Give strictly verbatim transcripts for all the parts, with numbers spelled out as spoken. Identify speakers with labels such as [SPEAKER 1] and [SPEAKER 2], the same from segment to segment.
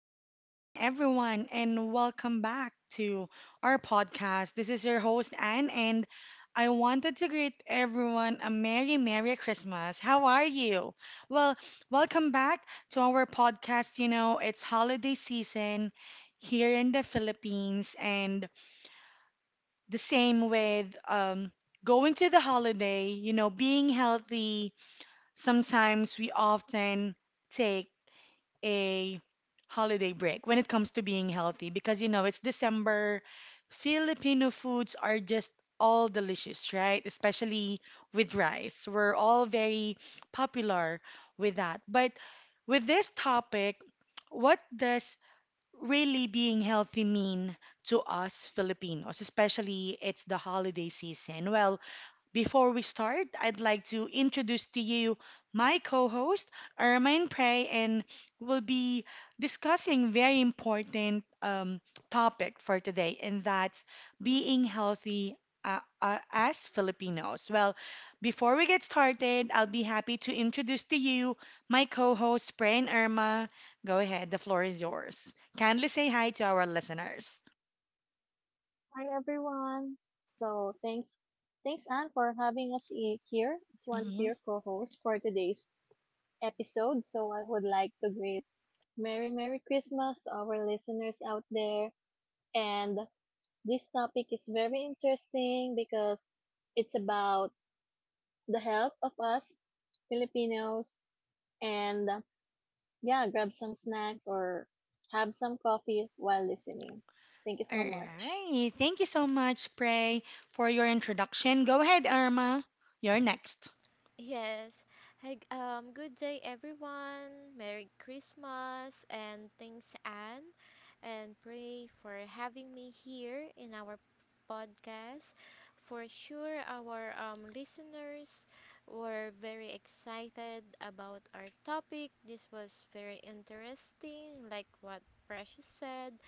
[SPEAKER 1] good morning, everyone, and welcome back to our podcast. This is your host, Anne, and I wanted to greet everyone a Merry, Merry Christmas. How are you? Well, welcome back to our podcast. You know, it's holiday season here in the Philippines, and the same with um, going to the holiday, you know, being healthy. Sometimes we often take a holiday break when it comes to being healthy because you know it's December. Filipino foods are just all delicious, right? Especially with rice. We're all very popular with that. But with this topic, what does really being healthy mean to us Filipinos, especially it's the holiday season? Well, before we start, I'd like to introduce to you my co host, Ermine Prey, and we'll be discussing very important um, topic for today, and that's being healthy uh, uh, as Filipinos. Well, before we get started, I'll be happy to introduce to you my co host, Prey and Irma. Go ahead, the floor is yours. Kindly say hi to our listeners.
[SPEAKER 2] Hi everyone. So thanks, thanks Anne for having us i- here as one of your co-hosts for today's episode. So I would like to greet Merry Merry Christmas to our listeners out there. And this topic is very interesting because it's about the health of us Filipinos. And uh, yeah, grab some snacks or have some coffee while listening. Thank you
[SPEAKER 1] All
[SPEAKER 2] so much.
[SPEAKER 1] right. Thank you so much, Prey, for your introduction. Go ahead, Irma. You're next.
[SPEAKER 3] Yes. Hey, g- um, good day, everyone. Merry Christmas and thanks, Anne. And pray for having me here in our podcast. For sure, our um, listeners were very excited about our topic. This was very interesting, like what Precious said.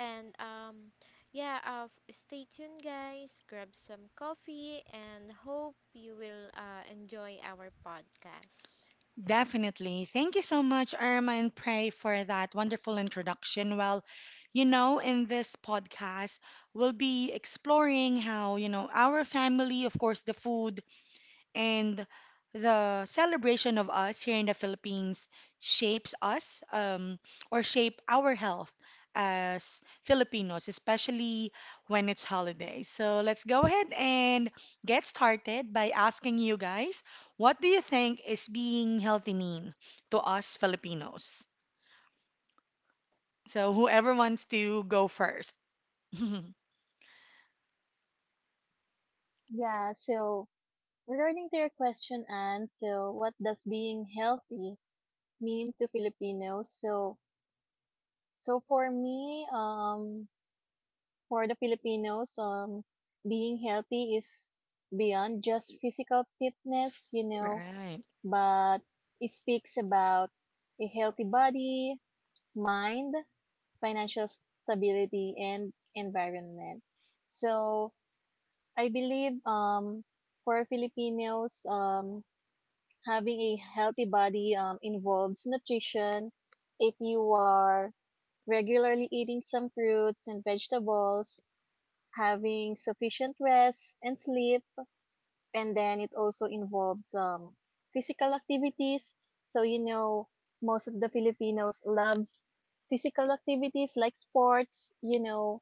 [SPEAKER 3] And um, yeah, uh, f- stay tuned, guys. Grab some coffee and hope you will uh, enjoy our podcast.
[SPEAKER 1] Definitely. Thank you so much, Irma and Prey, for that wonderful introduction. Well, you know, in this podcast, we'll be exploring how, you know, our family, of course, the food, and the celebration of us here in the Philippines shapes us, um, or shape our health as Filipinos, especially when it's holidays. So let's go ahead and get started by asking you guys, what do you think is being healthy mean to us Filipinos? So whoever wants to go first.
[SPEAKER 2] Yeah. So regarding to your question, Anne, so what does being healthy mean to Filipinos? So, so for me, um, for the Filipinos, um, being healthy is beyond just physical fitness, you know,
[SPEAKER 1] Right.
[SPEAKER 2] but it speaks about a healthy body, mind, financial s- stability, and environment. So, I believe, um, for Filipinos, um, having a healthy body um, involves nutrition. If you are regularly eating some fruits and vegetables, having sufficient rest and sleep, and then it also involves um, physical activities. So you know, most of the Filipinos loves physical activities like sports. You know,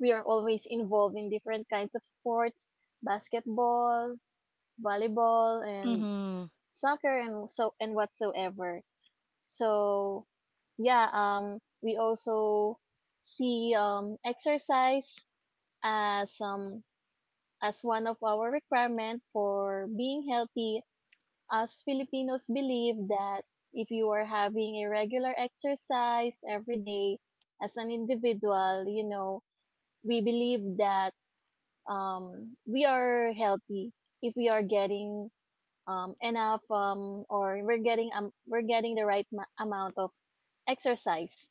[SPEAKER 2] we are always involved in different kinds of sports, basketball, volleyball, and
[SPEAKER 1] Mm-hmm.
[SPEAKER 2] soccer and so and whatsoever. So yeah, um, we also see um, exercise as um, as one of our requirement for being healthy. As Filipinos believe that if you are having a regular exercise every day as an individual, you know, we believe that um, we are healthy if we are getting um, enough, um, or we're getting um, we're getting the right ma- amount of exercise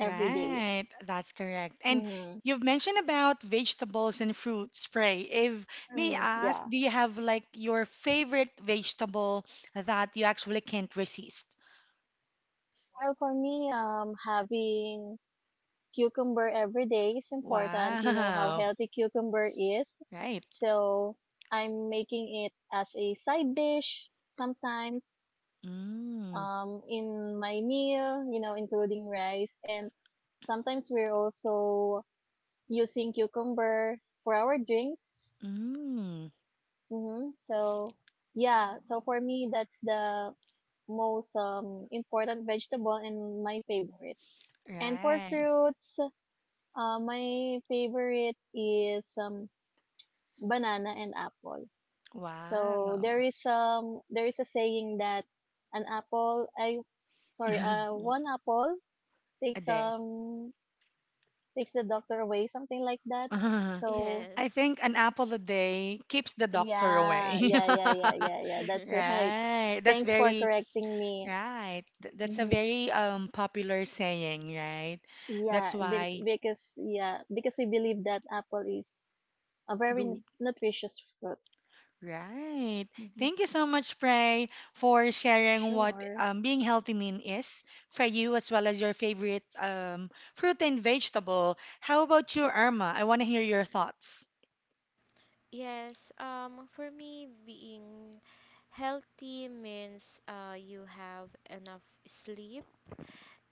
[SPEAKER 2] every day.
[SPEAKER 1] that's correct. And
[SPEAKER 2] Mm-hmm.
[SPEAKER 1] you've mentioned about vegetables and fruit spray. If may
[SPEAKER 2] Mm.
[SPEAKER 1] I ask,
[SPEAKER 2] Yeah.
[SPEAKER 1] do you have like your favorite vegetable that you actually can't resist?
[SPEAKER 2] Well, for me, um, having cucumber every day is important. You know how
[SPEAKER 1] Wow.
[SPEAKER 2] healthy cucumber is.
[SPEAKER 1] Right.
[SPEAKER 2] So I'm making it as a side dish sometimes,
[SPEAKER 1] Mm.
[SPEAKER 2] um, in my meal, you know, including rice. And sometimes we're also using cucumber for our drinks.
[SPEAKER 1] Mm.
[SPEAKER 2] Mm-hmm. So yeah. So for me, that's the most um, important vegetable and my favorite. And for
[SPEAKER 1] Right.
[SPEAKER 2] fruits, uh, my favorite is um, banana and apple. So
[SPEAKER 1] Wow.
[SPEAKER 2] there is um there is a saying that an apple I sorry, uh one apple
[SPEAKER 1] A
[SPEAKER 2] takes
[SPEAKER 1] day.
[SPEAKER 2] um takes the doctor away, something like that. So
[SPEAKER 1] I
[SPEAKER 3] Yes.
[SPEAKER 1] think an apple a day keeps the doctor
[SPEAKER 2] yeah,
[SPEAKER 1] away.
[SPEAKER 2] yeah, yeah, yeah, yeah, yeah, that's right.
[SPEAKER 1] Right. That's
[SPEAKER 2] Thanks for
[SPEAKER 1] very.
[SPEAKER 2] correcting me.
[SPEAKER 1] Right. Th- that's a
[SPEAKER 2] Hmm.
[SPEAKER 1] very um popular saying, right? That's
[SPEAKER 2] Yeah, be-
[SPEAKER 1] why
[SPEAKER 2] because yeah, because we believe that apple is a very nu-
[SPEAKER 1] good,
[SPEAKER 2] nutritious fruit.
[SPEAKER 1] right.
[SPEAKER 2] Hmm.
[SPEAKER 1] Thank you so much, Prey, for sharing what
[SPEAKER 2] Sure.
[SPEAKER 1] um being healthy mean is for you as well as your favorite um fruit and vegetable. How about you, Irma? I want to hear your thoughts.
[SPEAKER 3] Yes, um, for me, being healthy means uh, you have enough sleep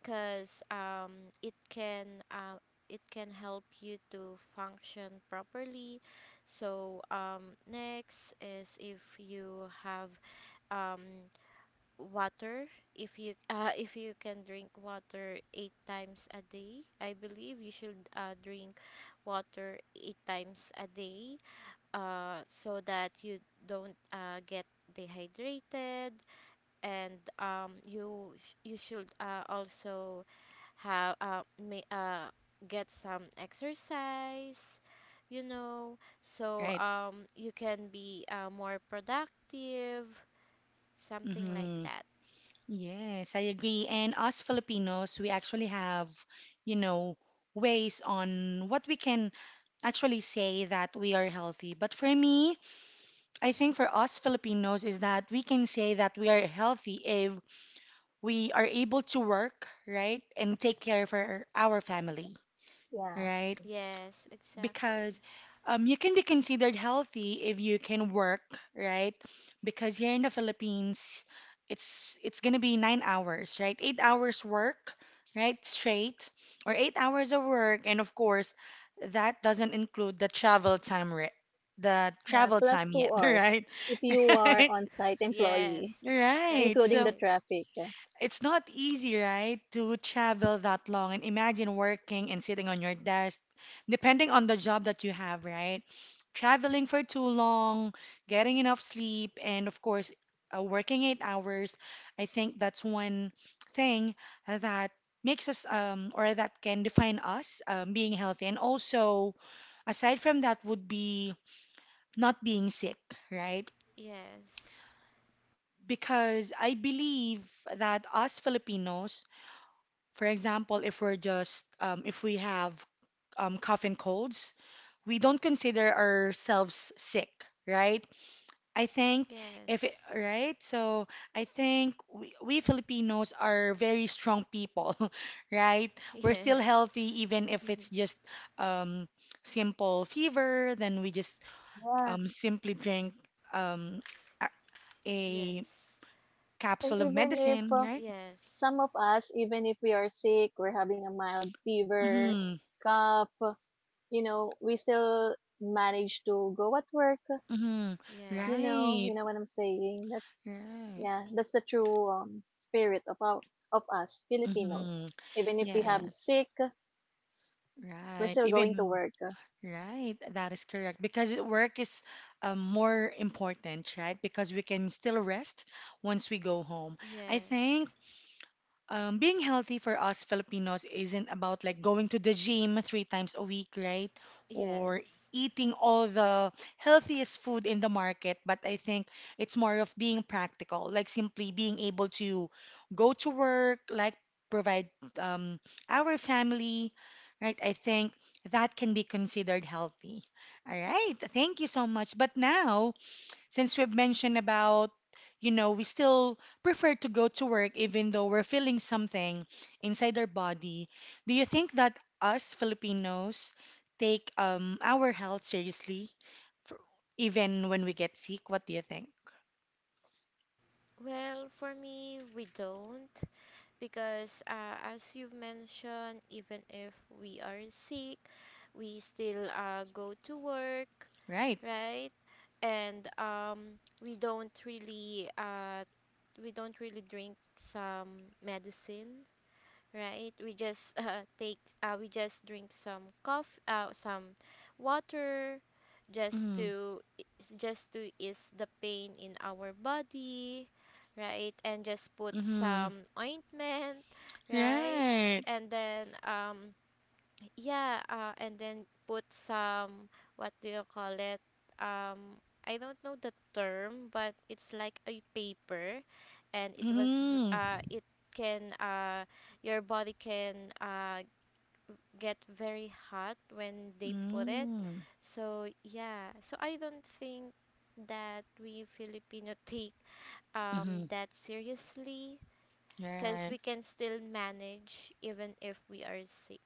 [SPEAKER 3] because um, it can uh, it can help you to function properly. So, um, next is if you have um, water. If you uh, if you can drink water eight times a day, I believe you should uh, drink water eight times a day, uh, so that you don't uh, get dehydrated. And um, you sh- you should uh, also have uh, may, uh, get some exercise, you know so
[SPEAKER 1] Right.
[SPEAKER 3] um, you can be uh, more productive, something like
[SPEAKER 1] Mm-hmm.
[SPEAKER 3] that.
[SPEAKER 1] Yes, I agree. And us Filipinos, we actually have, you know, ways on what we can actually say that we are healthy. But for me, I think for us Filipinos is that we can say that we are healthy if we are able to work, right? And take care for our, our family,
[SPEAKER 2] Yeah.
[SPEAKER 1] right?
[SPEAKER 3] Yes, exactly.
[SPEAKER 1] Because um, you can be considered healthy if you can work, right? Because here in the Philippines, it's it's gonna be nine hours, right? Eight hours work, right? Straight, or eight hours of work, and of course, that doesn't include the travel time, re- the
[SPEAKER 2] Yeah,
[SPEAKER 1] travel
[SPEAKER 2] plus
[SPEAKER 1] time
[SPEAKER 2] two
[SPEAKER 1] yet,
[SPEAKER 2] hours
[SPEAKER 1] right?
[SPEAKER 2] if you are on-site
[SPEAKER 3] Yes,
[SPEAKER 2] employee,
[SPEAKER 1] Right.
[SPEAKER 3] that's
[SPEAKER 2] including the
[SPEAKER 1] So
[SPEAKER 3] right.
[SPEAKER 2] traffic.
[SPEAKER 1] it's not easy, right, to travel that long and imagine working and sitting on your desk, depending on the job that you have, right? Traveling for too long, getting enough sleep, and of course, uh, working eight hours. I think that's one thing that makes us, um, or that can define us, um, being healthy. And also, aside from that, would be not being sick, right?
[SPEAKER 3] Yes.
[SPEAKER 1] Because I believe that us Filipinos, for example, if we're just um, if we have um, cough and colds, we don't consider ourselves sick, right? I think if it,
[SPEAKER 3] Yes.
[SPEAKER 1] right, so I think we, we Filipinos are very strong people, right? We're still
[SPEAKER 3] Yes.
[SPEAKER 1] healthy even if it's just um, simple fever. Then we just
[SPEAKER 2] Yeah.
[SPEAKER 1] um, simply drink um, a, a
[SPEAKER 3] Yes.
[SPEAKER 2] And
[SPEAKER 1] capsule of
[SPEAKER 2] even if
[SPEAKER 1] medicine,
[SPEAKER 2] uh,
[SPEAKER 1] right?
[SPEAKER 3] Yes.
[SPEAKER 2] some of us, even if we are sick, we're having a mild fever,
[SPEAKER 1] Mm-hmm.
[SPEAKER 2] cough, you know, we still manage to go at work.
[SPEAKER 1] Mm-hmm.
[SPEAKER 2] You
[SPEAKER 3] Yes.
[SPEAKER 2] know,
[SPEAKER 1] Right.
[SPEAKER 2] you know what I'm saying. That's
[SPEAKER 1] Right.
[SPEAKER 2] yeah, that's the true um, spirit of our, of us Filipinos.
[SPEAKER 1] Mm-hmm.
[SPEAKER 2] Even if we have
[SPEAKER 1] Yes,
[SPEAKER 2] sick, we're
[SPEAKER 1] right.
[SPEAKER 2] still going to
[SPEAKER 1] Even
[SPEAKER 2] work.
[SPEAKER 1] right, that is correct because it- work is um, more important, right? Because we can still rest once we go home. I think
[SPEAKER 3] Yes.
[SPEAKER 1] um, being healthy for us Filipinos isn't about like going to the gym three times a week, right? Or
[SPEAKER 3] Yes.
[SPEAKER 1] eating all the healthiest food in the market, but I think it's more of being practical, like simply being able to go to work, like provide um, our family, right? I think that can be considered healthy. All right, thank you so much. But now, since we've mentioned about, you know, we still prefer to go to work even though we're feeling something inside our body, do you think that us Filipinos take um, our health seriously, for, even when we get sick? What do you think?
[SPEAKER 3] Well, for me, we don't, because, uh, as you've mentioned, even if we are sick, we still uh, go to work,
[SPEAKER 1] Right.
[SPEAKER 3] right? And um, we don't really uh, we don't really drink some medicine, right? We just uh, take uh, we just drink some coffee, uh, some water, just
[SPEAKER 1] Mm,
[SPEAKER 3] to just to ease the pain in our body, right? And just put
[SPEAKER 1] mm-hmm.
[SPEAKER 3] some ointment, right?
[SPEAKER 1] Right.
[SPEAKER 3] And then um yeah, uh, and then put some, what do you call it? Um, I don't know the term, but it's like a paper, and it was, v-
[SPEAKER 1] Mm,
[SPEAKER 3] uh, it can, uh, your body can, uh, get very hot when they put it.
[SPEAKER 1] mm,
[SPEAKER 3] So yeah, so I don't think that we Filipino take
[SPEAKER 1] mm-hmm.
[SPEAKER 3] um that seriously, cause
[SPEAKER 1] Right.
[SPEAKER 3] we can still manage even if we are sick.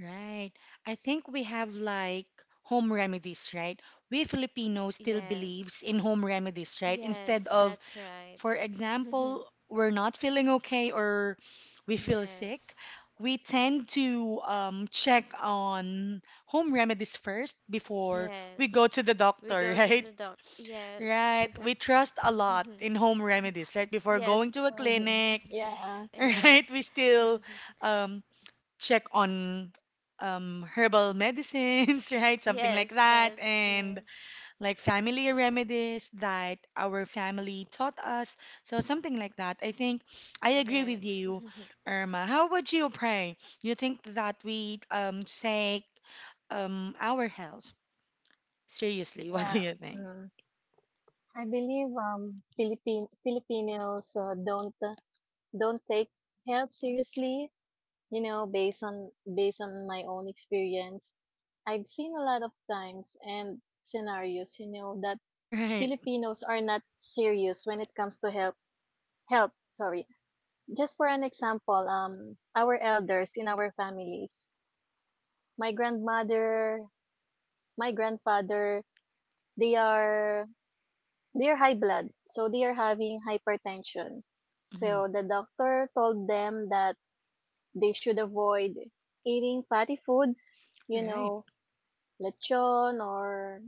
[SPEAKER 1] Right. I think we have like home remedies, right? We Filipinos still believes in
[SPEAKER 3] Yes.
[SPEAKER 1] home remedies, right? Instead
[SPEAKER 3] Yes,
[SPEAKER 1] of,
[SPEAKER 3] that's right.
[SPEAKER 1] for example, we're not feeling okay or we feel sick,
[SPEAKER 3] Yes.
[SPEAKER 1] we tend to um, check on home remedies first before we
[SPEAKER 3] Yes.
[SPEAKER 1] go to the
[SPEAKER 3] We
[SPEAKER 1] doctor,
[SPEAKER 3] go to
[SPEAKER 1] right?
[SPEAKER 3] the doc. Yes.
[SPEAKER 1] Right. We trust a lot in home remedies, right? Before
[SPEAKER 3] Yes.
[SPEAKER 1] going to a
[SPEAKER 2] Mhm.
[SPEAKER 1] clinic,
[SPEAKER 2] Yeah.
[SPEAKER 3] Yes.
[SPEAKER 1] right? We still um, check on um, herbal medicines, right? Something like
[SPEAKER 3] Yes,
[SPEAKER 1] that.
[SPEAKER 3] that's,
[SPEAKER 1] And
[SPEAKER 3] yes.
[SPEAKER 1] like family remedies that our family taught us. So something like that. I think I agree with
[SPEAKER 3] Yes.
[SPEAKER 1] you, Irma. How would you pray? You think that we um, take um, our health seriously? What do
[SPEAKER 2] Yeah.
[SPEAKER 1] you think?
[SPEAKER 2] Mm. I believe um Philippine Filipinos uh, don't uh, don't take health seriously, you know, based on based on my own experience. I've seen a lot of times and scenarios, you know, that
[SPEAKER 1] Right.
[SPEAKER 2] Filipinos are not serious when it comes to health health, sorry. Just for an example, um our elders in our families, my grandmother, my grandfather, they are they're high blood, so they're having hypertension.
[SPEAKER 1] Mhm.
[SPEAKER 2] So the doctor told them that they should avoid eating fatty foods, you
[SPEAKER 1] Right.
[SPEAKER 2] know, lechon or,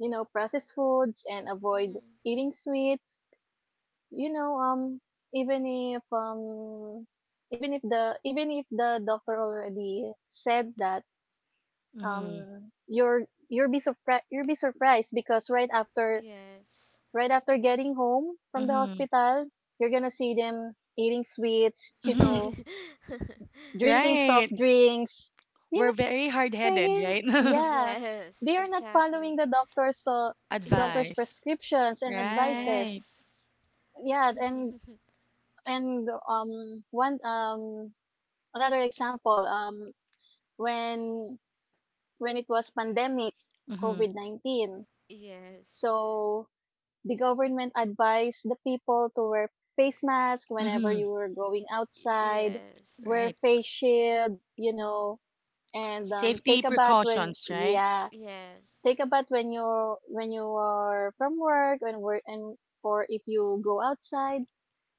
[SPEAKER 2] you know, processed foods, and avoid
[SPEAKER 3] Mm,
[SPEAKER 2] eating sweets. You know, um, even if um, even if the even if the doctor already said that
[SPEAKER 1] Mm-hmm.
[SPEAKER 2] um, you're you'll be surprised you'll be surprised because right after
[SPEAKER 3] yes.
[SPEAKER 2] right after getting home from the
[SPEAKER 1] Mm-hmm.
[SPEAKER 2] hospital, you're gonna see them eating sweets, you
[SPEAKER 1] Mm-hmm.
[SPEAKER 2] know, drinking
[SPEAKER 1] Right.
[SPEAKER 2] soft drinks, you
[SPEAKER 1] We're
[SPEAKER 2] know,
[SPEAKER 1] very hard-headed,
[SPEAKER 2] saying,
[SPEAKER 1] right?
[SPEAKER 2] yeah,
[SPEAKER 3] Yes,
[SPEAKER 2] they are not following
[SPEAKER 3] exactly.
[SPEAKER 2] the doctor's uh, doctor's
[SPEAKER 3] Yes.
[SPEAKER 1] Advice.
[SPEAKER 2] prescriptions and advices.
[SPEAKER 1] Right.
[SPEAKER 3] Yes.
[SPEAKER 2] Yeah, and and um one um another example um when when it was pandemic
[SPEAKER 1] Mm-hmm.
[SPEAKER 2] COVID nineteen,
[SPEAKER 3] Yes.
[SPEAKER 2] so the government advised the people to wear face mask whenever
[SPEAKER 1] Mm-hmm.
[SPEAKER 2] you were going
[SPEAKER 3] Y-
[SPEAKER 2] outside,
[SPEAKER 3] yes.
[SPEAKER 2] wear
[SPEAKER 1] Right.
[SPEAKER 2] face shield, you know, and um,
[SPEAKER 1] Safety
[SPEAKER 2] take a bath when
[SPEAKER 1] precautions, right?
[SPEAKER 2] yeah,
[SPEAKER 3] Yes.
[SPEAKER 2] take a bath when you when you are from work and work and or if you go outside.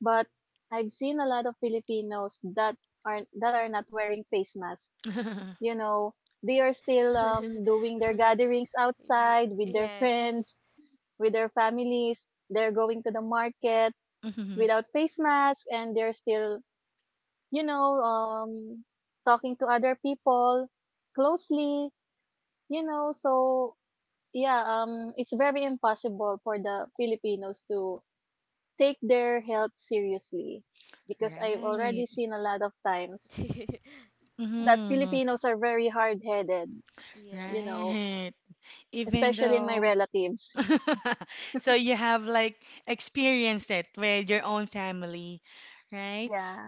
[SPEAKER 2] But I've seen a lot of Filipinos that are that are not wearing face masks. You know, they are still um doing their gatherings
[SPEAKER 3] Ye-
[SPEAKER 2] outside with their
[SPEAKER 3] yes.
[SPEAKER 2] friends with their families. They're going to the market
[SPEAKER 1] Mm-hmm.
[SPEAKER 2] without face masks and they're still, you know, um, talking to other people closely, you know. So, yeah, um, it's very impossible for the Filipinos to take their health seriously because I've already
[SPEAKER 1] Right.
[SPEAKER 2] seen a lot of times that
[SPEAKER 1] Mm-hmm.
[SPEAKER 2] Filipinos are very hard headed, you
[SPEAKER 3] Yes,
[SPEAKER 2] know,
[SPEAKER 1] Right. Even
[SPEAKER 2] especially in my
[SPEAKER 1] though.
[SPEAKER 2] relatives.
[SPEAKER 1] So you have like experienced it with your own family, right?
[SPEAKER 2] Yeah,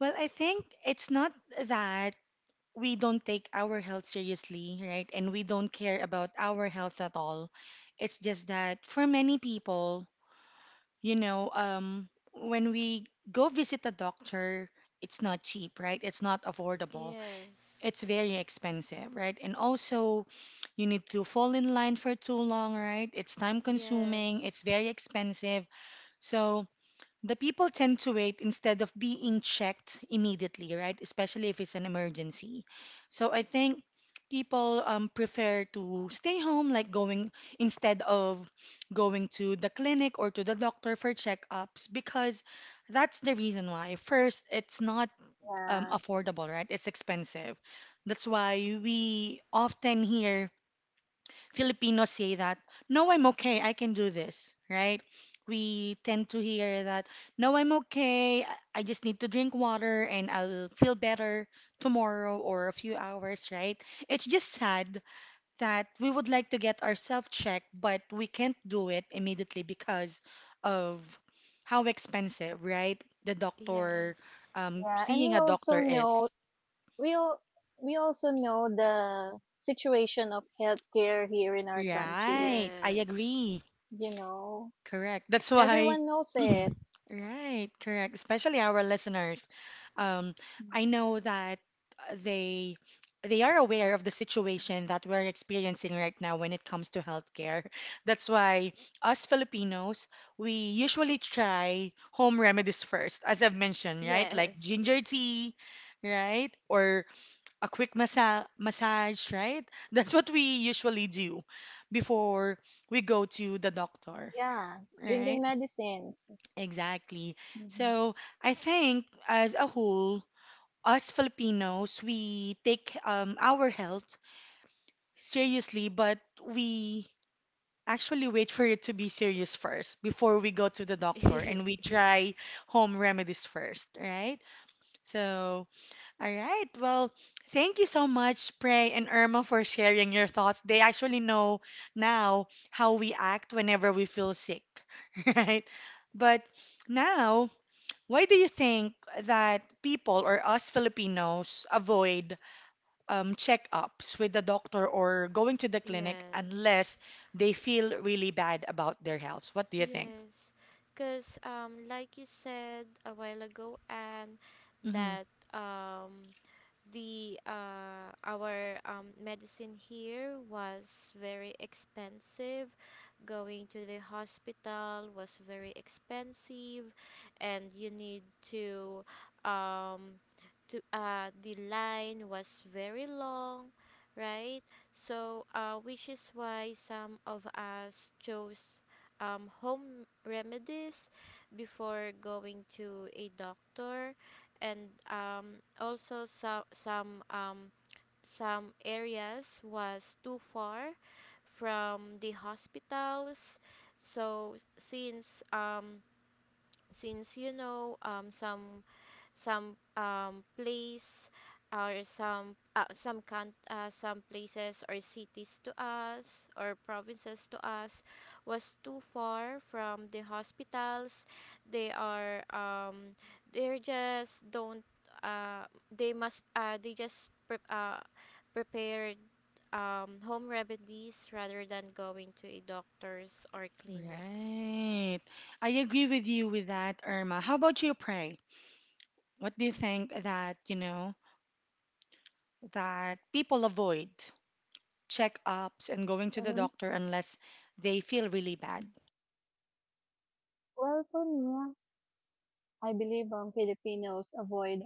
[SPEAKER 1] Well, I think it's not that we don't take our health seriously, right? And we don't care about our health at all. It's just that for many people, You know, um, when we go visit a doctor, it's not cheap, right? It's not affordable.
[SPEAKER 3] yes,
[SPEAKER 1] It's very expensive, right? And also, you need to fall in line for too long, right? It's time consuming, it's
[SPEAKER 3] yes,
[SPEAKER 1] very expensive. So, the people tend to wait instead of being checked immediately, right? Especially if it's an emergency. So I think people um, prefer to stay home, like going instead of going to the clinic or to the doctor for checkups, because that's the reason why. First, it's not um,
[SPEAKER 2] yeah,
[SPEAKER 1] affordable, right? It's expensive. That's why we often hear Filipinos say that, no, I'm okay, I can do this, right? We tend to hear that, no, I'm okay, I I just need to drink water and I'll feel better tomorrow or a few hours, right? It's just sad that we would like to get ourselves checked, but we can't do it immediately because of how expensive, right? The doctor,
[SPEAKER 3] yes,
[SPEAKER 1] um,
[SPEAKER 2] yeah. And
[SPEAKER 1] seeing
[SPEAKER 2] we
[SPEAKER 1] a
[SPEAKER 2] also
[SPEAKER 1] doctor
[SPEAKER 2] know
[SPEAKER 1] is.
[SPEAKER 2] we all, we also know the situation of healthcare here in our
[SPEAKER 3] y-
[SPEAKER 2] country.
[SPEAKER 1] Right, I
[SPEAKER 3] yes,
[SPEAKER 1] agree.
[SPEAKER 2] You know,
[SPEAKER 1] Correct. That's why.
[SPEAKER 2] everyone knows it.
[SPEAKER 1] Right, correct. Especially our listeners. Um, I know that uh, they they are aware of the situation that we're experiencing right now when it comes to healthcare. That's why us Filipinos, we usually try home remedies first, as I've mentioned, right? Like
[SPEAKER 3] yes,
[SPEAKER 1] ginger tea, right? Or a quick massa massage, right? That's what we usually do before we go to the doctor.
[SPEAKER 2] Yeah, drinking
[SPEAKER 1] Right,
[SPEAKER 2] medicines.
[SPEAKER 1] exactly.
[SPEAKER 2] Mm-hmm.
[SPEAKER 1] So I think as a whole, us Filipinos, we take um, our health seriously, but we actually wait for it to be serious first before we go to the doctor and we
[SPEAKER 3] yes,
[SPEAKER 1] try home remedies first, right? So, all right. Well, thank you so much, Prey and Irma, for sharing your thoughts. They actually know now how we act whenever we feel sick, right? But now, why do you think that people or us Filipinos avoid um, checkups with the doctor or going to the clinic unless
[SPEAKER 3] yes,
[SPEAKER 1] they feel really bad about their health? What do you think?
[SPEAKER 3] yes. Cause um, like you said a while ago. And
[SPEAKER 1] Hmm.
[SPEAKER 3] that um, the uh, our um, medicine here was very expensive. Going to the hospital was very expensive, and you need to um, to uh, the line was very long, right? So, uh, which is why some of us chose um, home remedies before going to a doctor. And um, also some some um, some areas was too far from the hospitals. So since um, since you know um, some some um place or some uh, some can uh, some places or cities to us or provinces to us was too far from the hospitals. They are um they're just don't uh they must uh they just pre- uh prepared um home remedies rather than going to a doctors or clinics.
[SPEAKER 1] Right. I agree with you with that, Irma. How about you, Pray? What do you think that, you know, that people avoid checkups and going to the
[SPEAKER 2] Hmm.
[SPEAKER 1] doctor unless they feel really bad?
[SPEAKER 2] Well, for me, I believe um, Filipinos avoid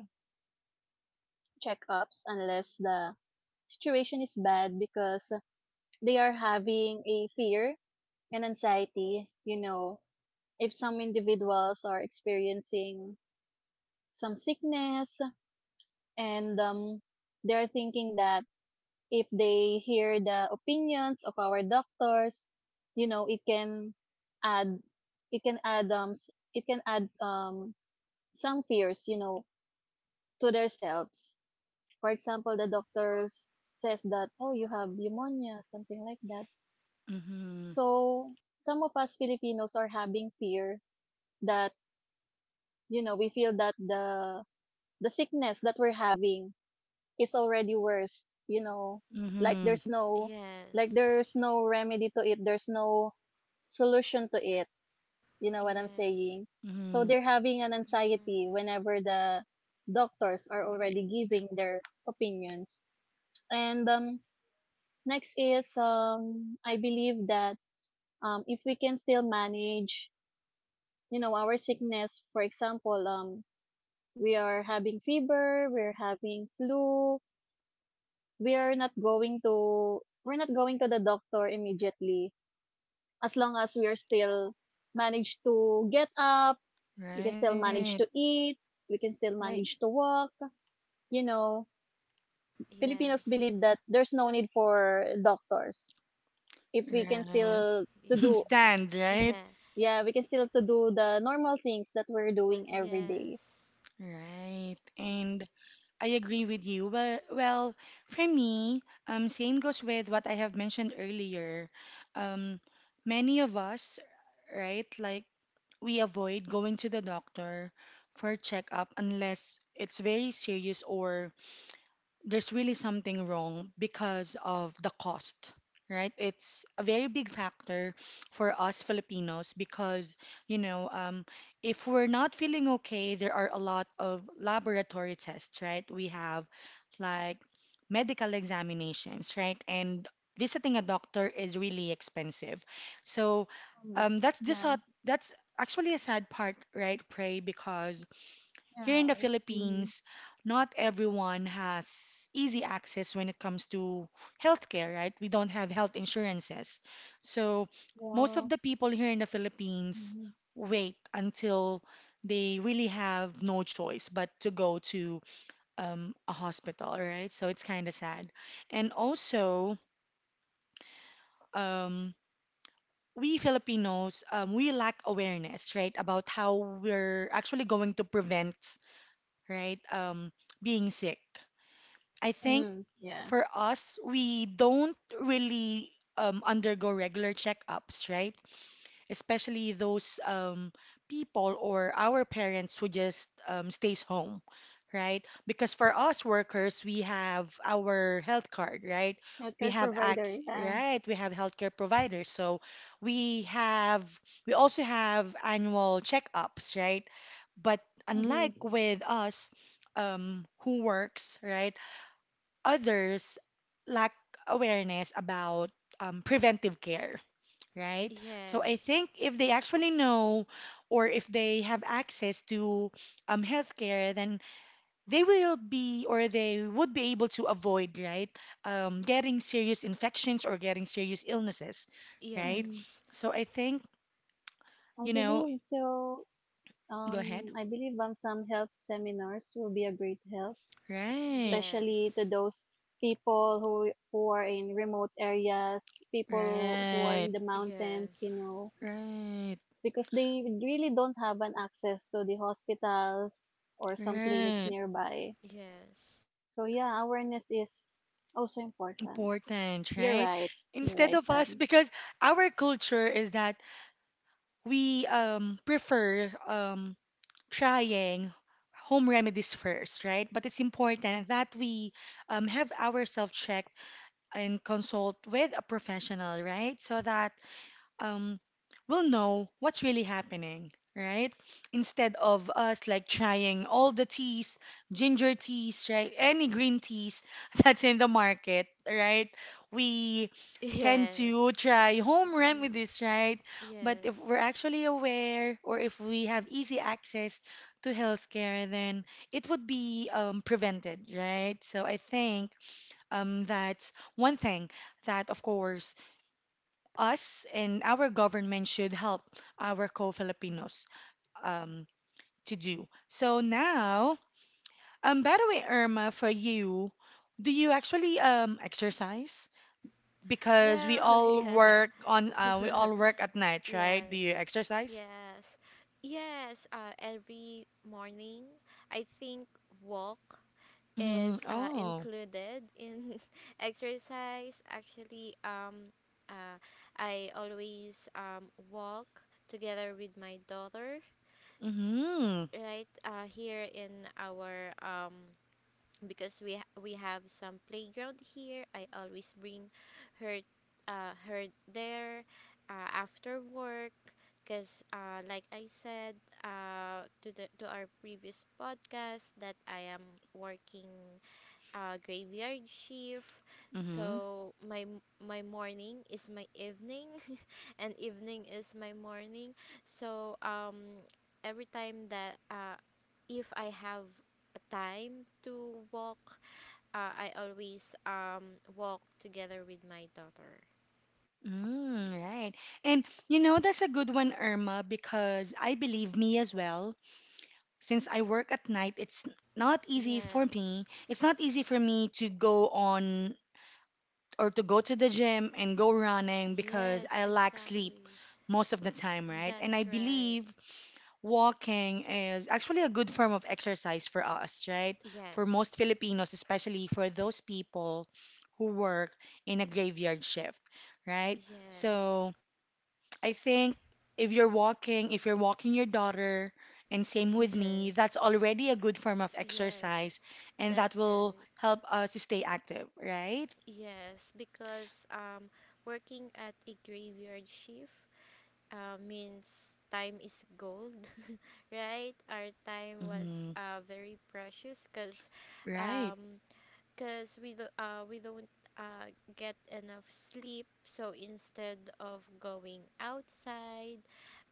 [SPEAKER 2] checkups unless the situation is bad because they are having a fear and anxiety. You know, if some individuals are experiencing some sickness and um, they're thinking that if they hear the opinions of our doctors, you know, it can add, it can add um, s- it can add um some fears, you know, to themselves. For example, the doctors says that, oh, you have pneumonia, something like that.
[SPEAKER 1] Mm-hmm.
[SPEAKER 2] So some of us Filipinos are having fear that, you know, we feel that the the sickness that we're having is already worse, you know. Like
[SPEAKER 1] Mm-hmm.
[SPEAKER 2] there's no like
[SPEAKER 3] Yes.
[SPEAKER 2] there's no remedy to it, there's no solution to it. You know what I'm
[SPEAKER 3] Yes.
[SPEAKER 2] saying? So
[SPEAKER 1] Mm-hmm.
[SPEAKER 2] they're having an anxiety
[SPEAKER 3] Mm,
[SPEAKER 2] whenever the doctors are already giving their opinions. And um next is um I believe that um if we can still manage, you know, our sickness, for example, um we are having fever, we're having flu, we are not going to we're not going to the doctor immediately as long as we are still manage to get up, we can still
[SPEAKER 1] Right.
[SPEAKER 2] manage to eat, we can still
[SPEAKER 1] Right.
[SPEAKER 2] manage to walk, you know, Filipinos
[SPEAKER 3] yes.
[SPEAKER 2] believe that there's no need for doctors if we can
[SPEAKER 1] Right.
[SPEAKER 2] still to do.
[SPEAKER 3] Yes.
[SPEAKER 1] Stand, right?
[SPEAKER 3] Yeah.
[SPEAKER 2] Yeah, we can still to do the normal things that we're doing every day.
[SPEAKER 3] Yes.
[SPEAKER 1] Right. And I agree with you. Well, well, for me, um, same goes with what I have mentioned earlier. Um, Many of us, right, like we avoid going to the doctor for checkup unless it's very serious or there's really something wrong because of the cost, right? It's a very big factor for us Filipinos because, you know, um, if we're not feeling okay, there are a lot of laboratory tests, right? We have like medical examinations, right? And visiting a doctor is really expensive. So
[SPEAKER 2] Mhm.
[SPEAKER 1] um, that's the
[SPEAKER 2] Yeah,
[SPEAKER 1] sad. That's actually a sad part, right, Pray, because
[SPEAKER 2] you're
[SPEAKER 1] here in the
[SPEAKER 2] right. Mhm.
[SPEAKER 1] Philippines, not everyone has easy access when it comes to healthcare, right? We don't have health insurances. So most of
[SPEAKER 2] Walks.
[SPEAKER 1] the people here in the Philippines
[SPEAKER 2] Mhm.
[SPEAKER 1] wait until they really have no choice but to go to um, a hospital, right? So it's kind of sad. And also, um, we Filipinos, um, we lack awareness, right, about how we're actually going to prevent, right, um, being sick. I think
[SPEAKER 2] Mhm. Yeah.
[SPEAKER 1] for us, we don't really um, undergo regular checkups, right? Especially those um, people or our parents who just um, stays home, right? Because for us workers, we have our health card, right? We
[SPEAKER 2] Healthcare
[SPEAKER 1] have
[SPEAKER 2] provider,
[SPEAKER 1] acts,
[SPEAKER 2] yeah.
[SPEAKER 1] right? We have healthcare providers, so we have we also have annual checkups, right? But
[SPEAKER 2] Mm-hmm.
[SPEAKER 1] unlike with us, um, who works, right? Others lack awareness about um, preventive care, right? So I
[SPEAKER 3] Yes.
[SPEAKER 1] think if they actually know or if they have access to um, healthcare, then they will be or they would be able to avoid, right, um, getting serious infections or getting serious illnesses, right?
[SPEAKER 2] Mhm.
[SPEAKER 3] Yes.
[SPEAKER 1] So I think,
[SPEAKER 2] I
[SPEAKER 1] you know,
[SPEAKER 2] believe so.
[SPEAKER 1] go ahead.
[SPEAKER 2] Um, I believe um, some health seminars will be a great help,
[SPEAKER 1] Right,
[SPEAKER 2] especially to
[SPEAKER 3] Yes.
[SPEAKER 2] those people who who are in remote areas, people who are in
[SPEAKER 1] right,
[SPEAKER 2] the mountains, you
[SPEAKER 3] Yes.
[SPEAKER 2] know,
[SPEAKER 1] right,
[SPEAKER 2] because they really don't have an access to the hospitals or some clinics
[SPEAKER 1] right.
[SPEAKER 2] nearby.
[SPEAKER 3] Yes.
[SPEAKER 2] So yeah, awareness is also important.
[SPEAKER 1] Important,
[SPEAKER 2] You're
[SPEAKER 1] right?
[SPEAKER 2] right. You're
[SPEAKER 1] Instead
[SPEAKER 2] right,
[SPEAKER 1] of us,
[SPEAKER 2] Anne.
[SPEAKER 1] because our culture is that we um, prefer um, trying home remedies first, right? But it's important that we um, have ourselves checked and consult with a professional, right? So that um, will know what's really happening, right? Instead of us like trying all the teas, ginger teas, right? Any green teas that's in the market, right? We tend to
[SPEAKER 3] Yes.
[SPEAKER 1] try home
[SPEAKER 3] Hmm.
[SPEAKER 1] remedies, right? But if
[SPEAKER 3] Yes.
[SPEAKER 1] we're actually aware or if we have easy access to healthcare, then it would be um, prevented, right? So I think um, that's one thing that, of course, us and our government should help our co-Filipinos um, to do. So now, um, by the way, Irma, for you, do you actually um, exercise? Because we
[SPEAKER 3] Well,
[SPEAKER 1] all work
[SPEAKER 3] yeah.
[SPEAKER 1] on uh, we all work at night, right? Do
[SPEAKER 3] Yes.
[SPEAKER 1] you exercise?
[SPEAKER 3] Yes. Yes. Uh, every morning, I think walk
[SPEAKER 1] Mm-hmm.
[SPEAKER 3] is uh,
[SPEAKER 1] Oh.
[SPEAKER 3] included in exercise. Actually, um, uh, I always um, walk together with my daughter,
[SPEAKER 1] Mm-hmm.
[SPEAKER 3] right? Uh, here in our um, because we ha- we have some playground here. I always bring her uh, her there, uh, after work. Because, uh, like I said, uh, to the to our previous podcast, that I am working uh, graveyard shift.
[SPEAKER 1] Mm-hmm.
[SPEAKER 3] So my m- my morning is my evening, and evening is my morning. So, um, every time that, uh, if I have a time to walk, uh, I always um walk together with my daughter.
[SPEAKER 1] Mm, right. And you know, that's a good one, Irma, because I believe me as well. Since I work at night, it's not easy for
[SPEAKER 3] Yes,
[SPEAKER 1] me. It's not easy for me to go on or to go to the gym and go running because
[SPEAKER 3] yes,
[SPEAKER 1] I lack sleep
[SPEAKER 3] exactly.
[SPEAKER 1] most of the time, right? And I
[SPEAKER 3] That's right.
[SPEAKER 1] believe walking is actually a good form of exercise for us, right? For most
[SPEAKER 3] Yes,
[SPEAKER 1] Filipinos, especially for those people who work in a graveyard shift, right?
[SPEAKER 3] yes,
[SPEAKER 1] So, I think if you're walking, if you're walking your daughter, and same with me,
[SPEAKER 3] yes,
[SPEAKER 1] that's already a good form of
[SPEAKER 3] yes.
[SPEAKER 1] exercise, and that
[SPEAKER 3] That's
[SPEAKER 1] will
[SPEAKER 3] right.
[SPEAKER 1] help us to stay active, right?
[SPEAKER 3] Yes, because um, working at a graveyard shift, uh, means time is gold, right? Our time was
[SPEAKER 1] Mm-hmm.
[SPEAKER 3] uh, very precious, because
[SPEAKER 1] Right.
[SPEAKER 3] um, cause we, do, uh, we don't uh, get enough sleep. So instead of going outside,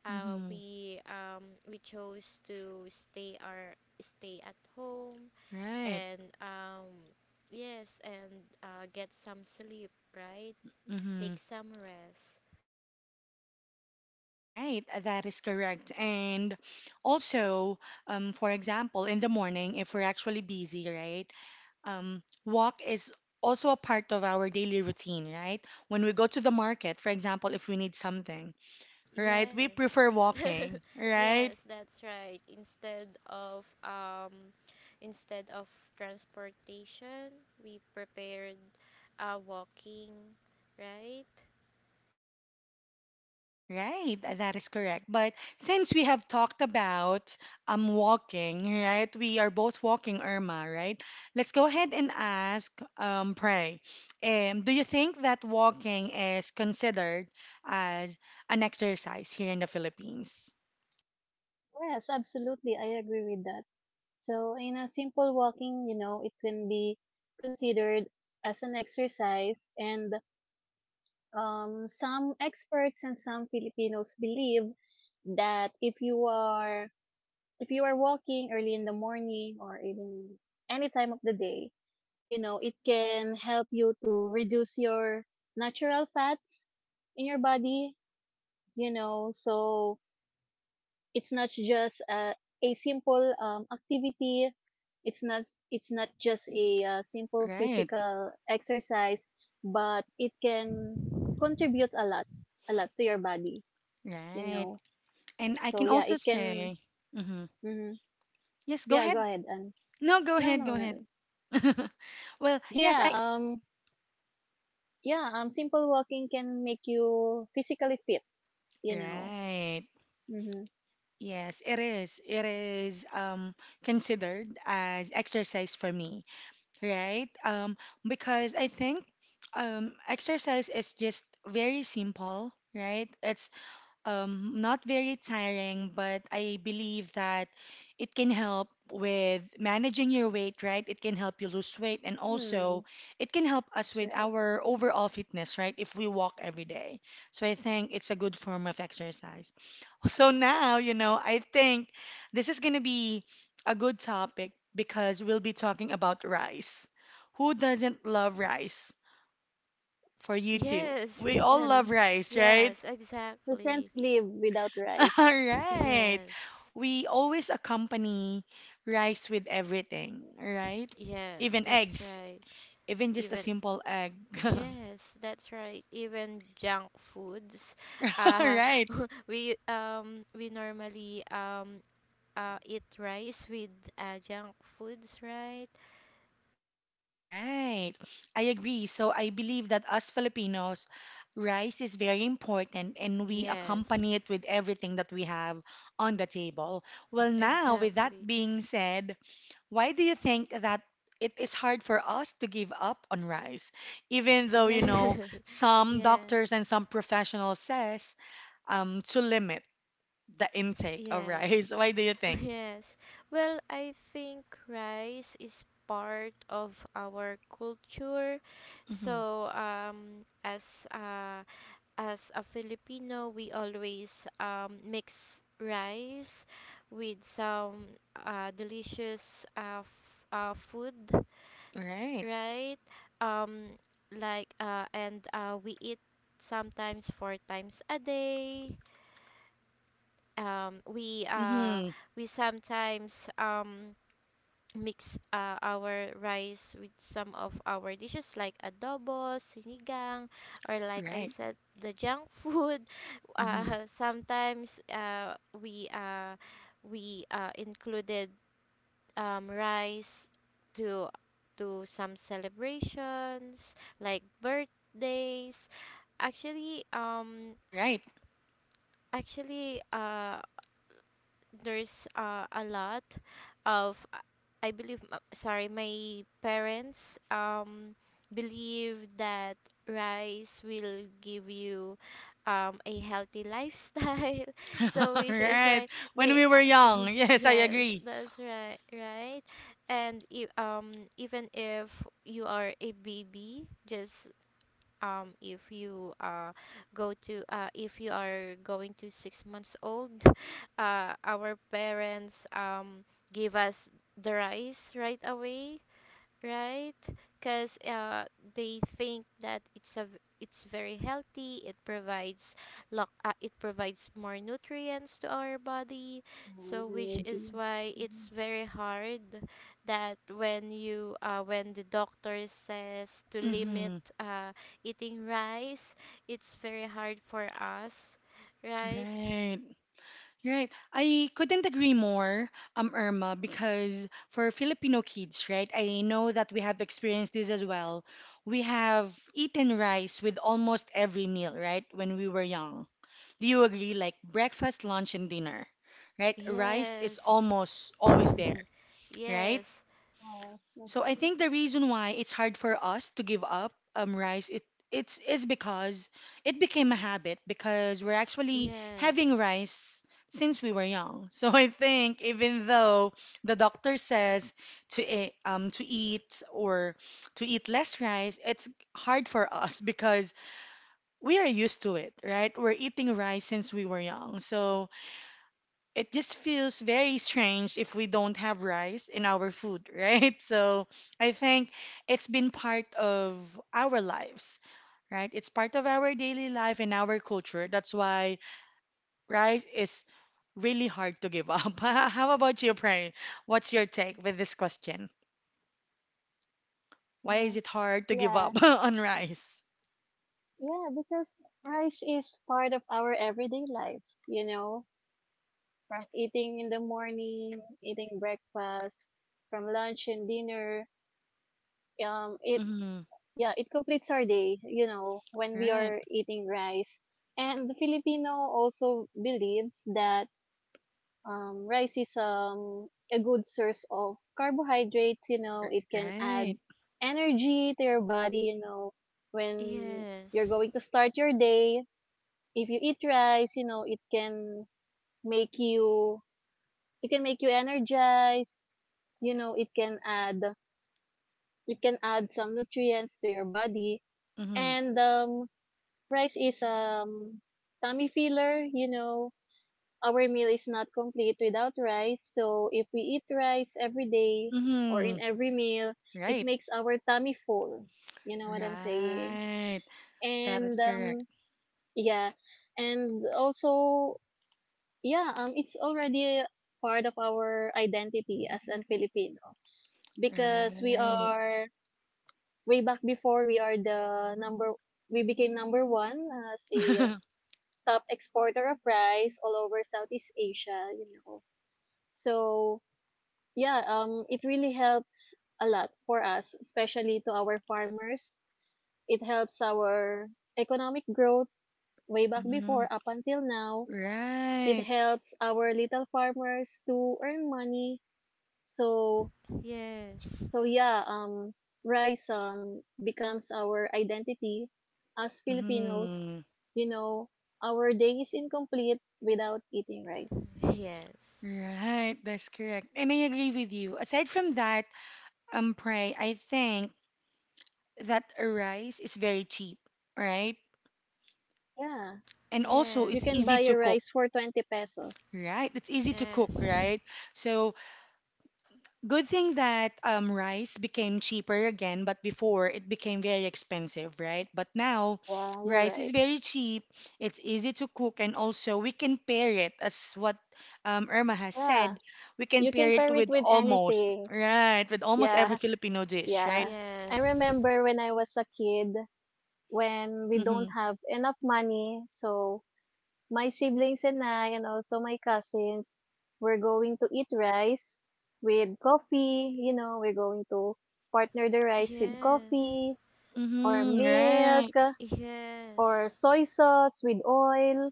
[SPEAKER 3] uh,
[SPEAKER 1] Mm-hmm.
[SPEAKER 3] we um, we chose to stay our stay at home,
[SPEAKER 1] Right.
[SPEAKER 3] and um yes, and uh, get some sleep, right?
[SPEAKER 1] Mm-hmm.
[SPEAKER 3] Take some rest.
[SPEAKER 1] Right. That is correct. And also, um, for example, in the morning, if we're actually busy, right? Um, walk is also a part of our daily routine, right? When we go to the market, for example, if we need something, right, we
[SPEAKER 3] Yes.
[SPEAKER 1] prefer walking, right?
[SPEAKER 3] Yes, that's right. Instead of um instead of transportation, we prepared uh walking, right?
[SPEAKER 1] Right, that is correct. But since we have talked about um walking, right? We are both walking, Irma, right? Let's go ahead and ask um Prey. Um, do you think that walking is considered as an exercise here in the Philippines?
[SPEAKER 2] Yes, absolutely. I agree with that. So, in a simple walking, you know, it can be considered as an exercise, and um, some experts and some Filipinos believe that if you are if you are walking early in the morning or even any time of the day, you know, it can help you to reduce your natural fats in your body, you know, so it's not just uh, a simple um, activity. It's not it's not just a uh, simple
[SPEAKER 1] Right,
[SPEAKER 2] physical exercise, but it can contribute a lot, a lot to your body. You
[SPEAKER 1] right.
[SPEAKER 2] know,
[SPEAKER 1] And I
[SPEAKER 2] so
[SPEAKER 1] can
[SPEAKER 2] yeah,
[SPEAKER 1] also
[SPEAKER 2] it can.
[SPEAKER 1] say, mhm.
[SPEAKER 2] Mhm.
[SPEAKER 1] Yes, go
[SPEAKER 2] Yeah,
[SPEAKER 1] ahead.
[SPEAKER 2] go ahead. And
[SPEAKER 1] No, go
[SPEAKER 2] no,
[SPEAKER 1] ahead,
[SPEAKER 2] no,
[SPEAKER 1] go ahead.
[SPEAKER 2] no.
[SPEAKER 1] Well, yes,
[SPEAKER 2] Yeah,
[SPEAKER 1] I.
[SPEAKER 2] um, yeah, um, simple walking can make you physically fit. You know.
[SPEAKER 1] Right.
[SPEAKER 2] Mm-hmm.
[SPEAKER 1] Yes, it is. It is um, considered as exercise for me, right? Um, because I think um, exercise is just very simple, right? It's um, not very tiring, but I believe that it can help with managing your weight, right? It can help you lose weight, and also
[SPEAKER 2] Hmm.
[SPEAKER 1] it can help us
[SPEAKER 2] That's
[SPEAKER 1] with
[SPEAKER 2] right.
[SPEAKER 1] our overall fitness, right? If we walk every day. So I think it's a good form of exercise. So now, you know, I think this is going to be a good topic because we'll be talking about rice. Who doesn't love rice? For you too.
[SPEAKER 3] Yes.
[SPEAKER 1] We all
[SPEAKER 3] That's,
[SPEAKER 1] love
[SPEAKER 2] Mm.
[SPEAKER 1] rice, right?
[SPEAKER 3] yes,
[SPEAKER 2] We can't
[SPEAKER 3] exactly.
[SPEAKER 2] live without
[SPEAKER 1] All
[SPEAKER 2] rice.
[SPEAKER 1] right.
[SPEAKER 3] Yes.
[SPEAKER 1] We always accompany rice with everything, right?
[SPEAKER 3] Yes,
[SPEAKER 1] Even
[SPEAKER 3] that's
[SPEAKER 1] eggs,
[SPEAKER 3] right.
[SPEAKER 1] even just a
[SPEAKER 3] even
[SPEAKER 1] simple egg.
[SPEAKER 3] Yes, that's right. Even junk foods. Uh,
[SPEAKER 1] Right.
[SPEAKER 3] we um we normally um uh eat rice with uh junk foods, right?
[SPEAKER 1] Right. I agree. So I believe that us Filipinos, rice is very important and we
[SPEAKER 3] Yes,
[SPEAKER 1] accompany it with everything that we have on the table. Well, now, with that
[SPEAKER 3] exactly.
[SPEAKER 1] being said, why do you think that it is hard for us to give up on rice? Even though, you know,
[SPEAKER 3] Yes.
[SPEAKER 1] some
[SPEAKER 3] Yes.
[SPEAKER 1] doctors and some professionals says um, to limit the intake of
[SPEAKER 3] Yes.
[SPEAKER 1] rice. Why do you think?
[SPEAKER 3] Yes. Well, I think rice is part of our culture.
[SPEAKER 1] Mm-hmm.
[SPEAKER 3] So, um as uh as a Filipino, we always um, mix rice with some uh, delicious uh, f- uh, food,
[SPEAKER 1] Right.
[SPEAKER 3] right? Um, like uh, and uh, we eat sometimes four times a day. Um, we uh,
[SPEAKER 1] Mm-hmm.
[SPEAKER 3] we sometimes um, mix uh, our rice with some of our dishes like adobo, sinigang, or like I
[SPEAKER 1] Right.
[SPEAKER 3] said, the junk food.
[SPEAKER 1] Mm-hmm.
[SPEAKER 3] Uh, sometimes, uh, we uh, we uh, included um, rice to to some celebrations like birthdays. Actually, um,
[SPEAKER 1] Right.
[SPEAKER 3] Actually, uh, there's uh, a lot of uh, I believe uh, sorry my parents um believe that rice will give you um a healthy lifestyle. So which is
[SPEAKER 1] Right.
[SPEAKER 3] why
[SPEAKER 1] When
[SPEAKER 3] they
[SPEAKER 1] we were
[SPEAKER 3] uh,
[SPEAKER 1] young. Yes, I
[SPEAKER 3] yes,
[SPEAKER 1] agree.
[SPEAKER 3] that's right right. And if, um even if you are a baby, just um, if you uh, go to uh, if you are going to six months old, uh, our parents um, give us the rice right away, right? Because uh, they think that it's a v- it's very healthy. It provides lock uh, it provides more nutrients to our body.
[SPEAKER 2] Oh,
[SPEAKER 3] So which
[SPEAKER 2] energy.
[SPEAKER 3] is why
[SPEAKER 2] Mm-hmm.
[SPEAKER 3] it's very hard that when you uh, when the doctor says to limit
[SPEAKER 1] Mm-hmm.
[SPEAKER 3] uh, eating rice, it's very hard for us, right?
[SPEAKER 1] Right. Right. I couldn't agree more, um, Irma, because for Filipino kids, right, I know that we have experienced this as well. We have eaten rice with almost every meal, right, when we were young. Do you agree? Like breakfast, lunch, and dinner, right? Rice is
[SPEAKER 3] Yes.
[SPEAKER 1] almost always there, right?
[SPEAKER 3] Yes.
[SPEAKER 2] Yes,
[SPEAKER 1] So
[SPEAKER 2] that's
[SPEAKER 1] I
[SPEAKER 2] right.
[SPEAKER 1] think the reason why it's hard for us to give up um rice it it's is because it became a habit because we're actually having
[SPEAKER 3] Yes.
[SPEAKER 1] rice since we were young. So I think even though the doctor says to e- um to eat or to eat less rice, it's hard for us because we are used to it, right? We're eating rice since we were young. So it just feels very strange if we don't have rice in our food, right? So I think it's been part of our lives, right? It's part of our daily life and our culture. That's why rice is really hard to give up. How about you, Pray? What's your take with this question?
[SPEAKER 2] Uh
[SPEAKER 1] Why
[SPEAKER 2] huh.
[SPEAKER 1] is it hard to give
[SPEAKER 2] Yeah,
[SPEAKER 1] up on rice?
[SPEAKER 2] yeah, because rice is part of our everyday life, you know, from eating in the morning, eating breakfast, from lunch and dinner. Um, it,
[SPEAKER 1] Mm-hmm.
[SPEAKER 2] yeah, it completes our day, you know, when we
[SPEAKER 1] Right.
[SPEAKER 2] are eating rice. And the Filipino also believes that um, rice is um, a good source of carbohydrates. You know,
[SPEAKER 1] R-
[SPEAKER 2] it can add
[SPEAKER 1] Right.
[SPEAKER 2] energy to your body. You know, when you're
[SPEAKER 3] Yes.
[SPEAKER 2] going to start your day, if you eat rice, you know, it can make you it can make you energized. You know, it can add it can add some nutrients to your body,
[SPEAKER 1] Mm-hmm.
[SPEAKER 2] and um, rice is um tummy filler. You know, our meal is not complete without rice, so if we eat rice every day or in
[SPEAKER 1] Mm-hmm.
[SPEAKER 2] every meal, it
[SPEAKER 1] Right.
[SPEAKER 2] makes our tummy full. You know what I'm saying?
[SPEAKER 1] Right. That is
[SPEAKER 2] And
[SPEAKER 1] correct.
[SPEAKER 2] um yeah, and also yeah, um it's already a part of our identity as an Filipino because we
[SPEAKER 1] Right.
[SPEAKER 2] are way back before we are the number we became number one as a top exporter of rice all over Southeast Asia, you know. So yeah, um, it really helps a lot for us, especially to our farmers. It helps our economic growth way back before
[SPEAKER 1] Mhm.
[SPEAKER 2] up until now. It
[SPEAKER 1] Right.
[SPEAKER 2] helps our little farmers to earn money. So,
[SPEAKER 3] Yes.
[SPEAKER 2] so yeah, um, rice um becomes our identity as Filipinos.
[SPEAKER 1] Mhm.
[SPEAKER 2] You know, our day is incomplete without eating rice.
[SPEAKER 3] Yes.
[SPEAKER 1] Right, that's correct. And I agree with you. Aside from that, um, pray I think that rice is very cheap, right?
[SPEAKER 2] Yeah,
[SPEAKER 1] And also
[SPEAKER 2] you
[SPEAKER 1] it's
[SPEAKER 2] can
[SPEAKER 3] Yes.
[SPEAKER 1] easy
[SPEAKER 2] buy
[SPEAKER 1] to
[SPEAKER 2] a
[SPEAKER 1] cook,
[SPEAKER 2] rice for twenty pesos.
[SPEAKER 1] right? It's easy to cook,
[SPEAKER 3] Yes.
[SPEAKER 2] Mhm.
[SPEAKER 1] right? So good thing that um, rice became cheaper again, but before it became very expensive, right? But now
[SPEAKER 2] Yeah, you're
[SPEAKER 1] rice is
[SPEAKER 2] right.
[SPEAKER 1] very cheap, it's easy to cook, and also we can pair it, as what um, Irma has
[SPEAKER 2] Yeah,
[SPEAKER 1] said, we can
[SPEAKER 2] you
[SPEAKER 1] pair
[SPEAKER 2] can
[SPEAKER 1] it
[SPEAKER 2] pair it
[SPEAKER 1] with
[SPEAKER 2] with
[SPEAKER 1] almost,
[SPEAKER 2] anything.
[SPEAKER 1] right? With almost every
[SPEAKER 2] Yeah,
[SPEAKER 1] Filipino dish, right?
[SPEAKER 2] yeah. I
[SPEAKER 3] Yes.
[SPEAKER 2] remember when I was a kid, when we don't
[SPEAKER 1] Mm-hmm.
[SPEAKER 2] have enough money, so my siblings and I, and also my cousins, we're going to eat rice with coffee. You know, we're going to partner the rice with
[SPEAKER 3] Yes.
[SPEAKER 2] coffee or
[SPEAKER 1] Mm-hmm.
[SPEAKER 2] milk
[SPEAKER 1] Right.
[SPEAKER 2] or
[SPEAKER 3] Yes.
[SPEAKER 2] soy sauce with oil,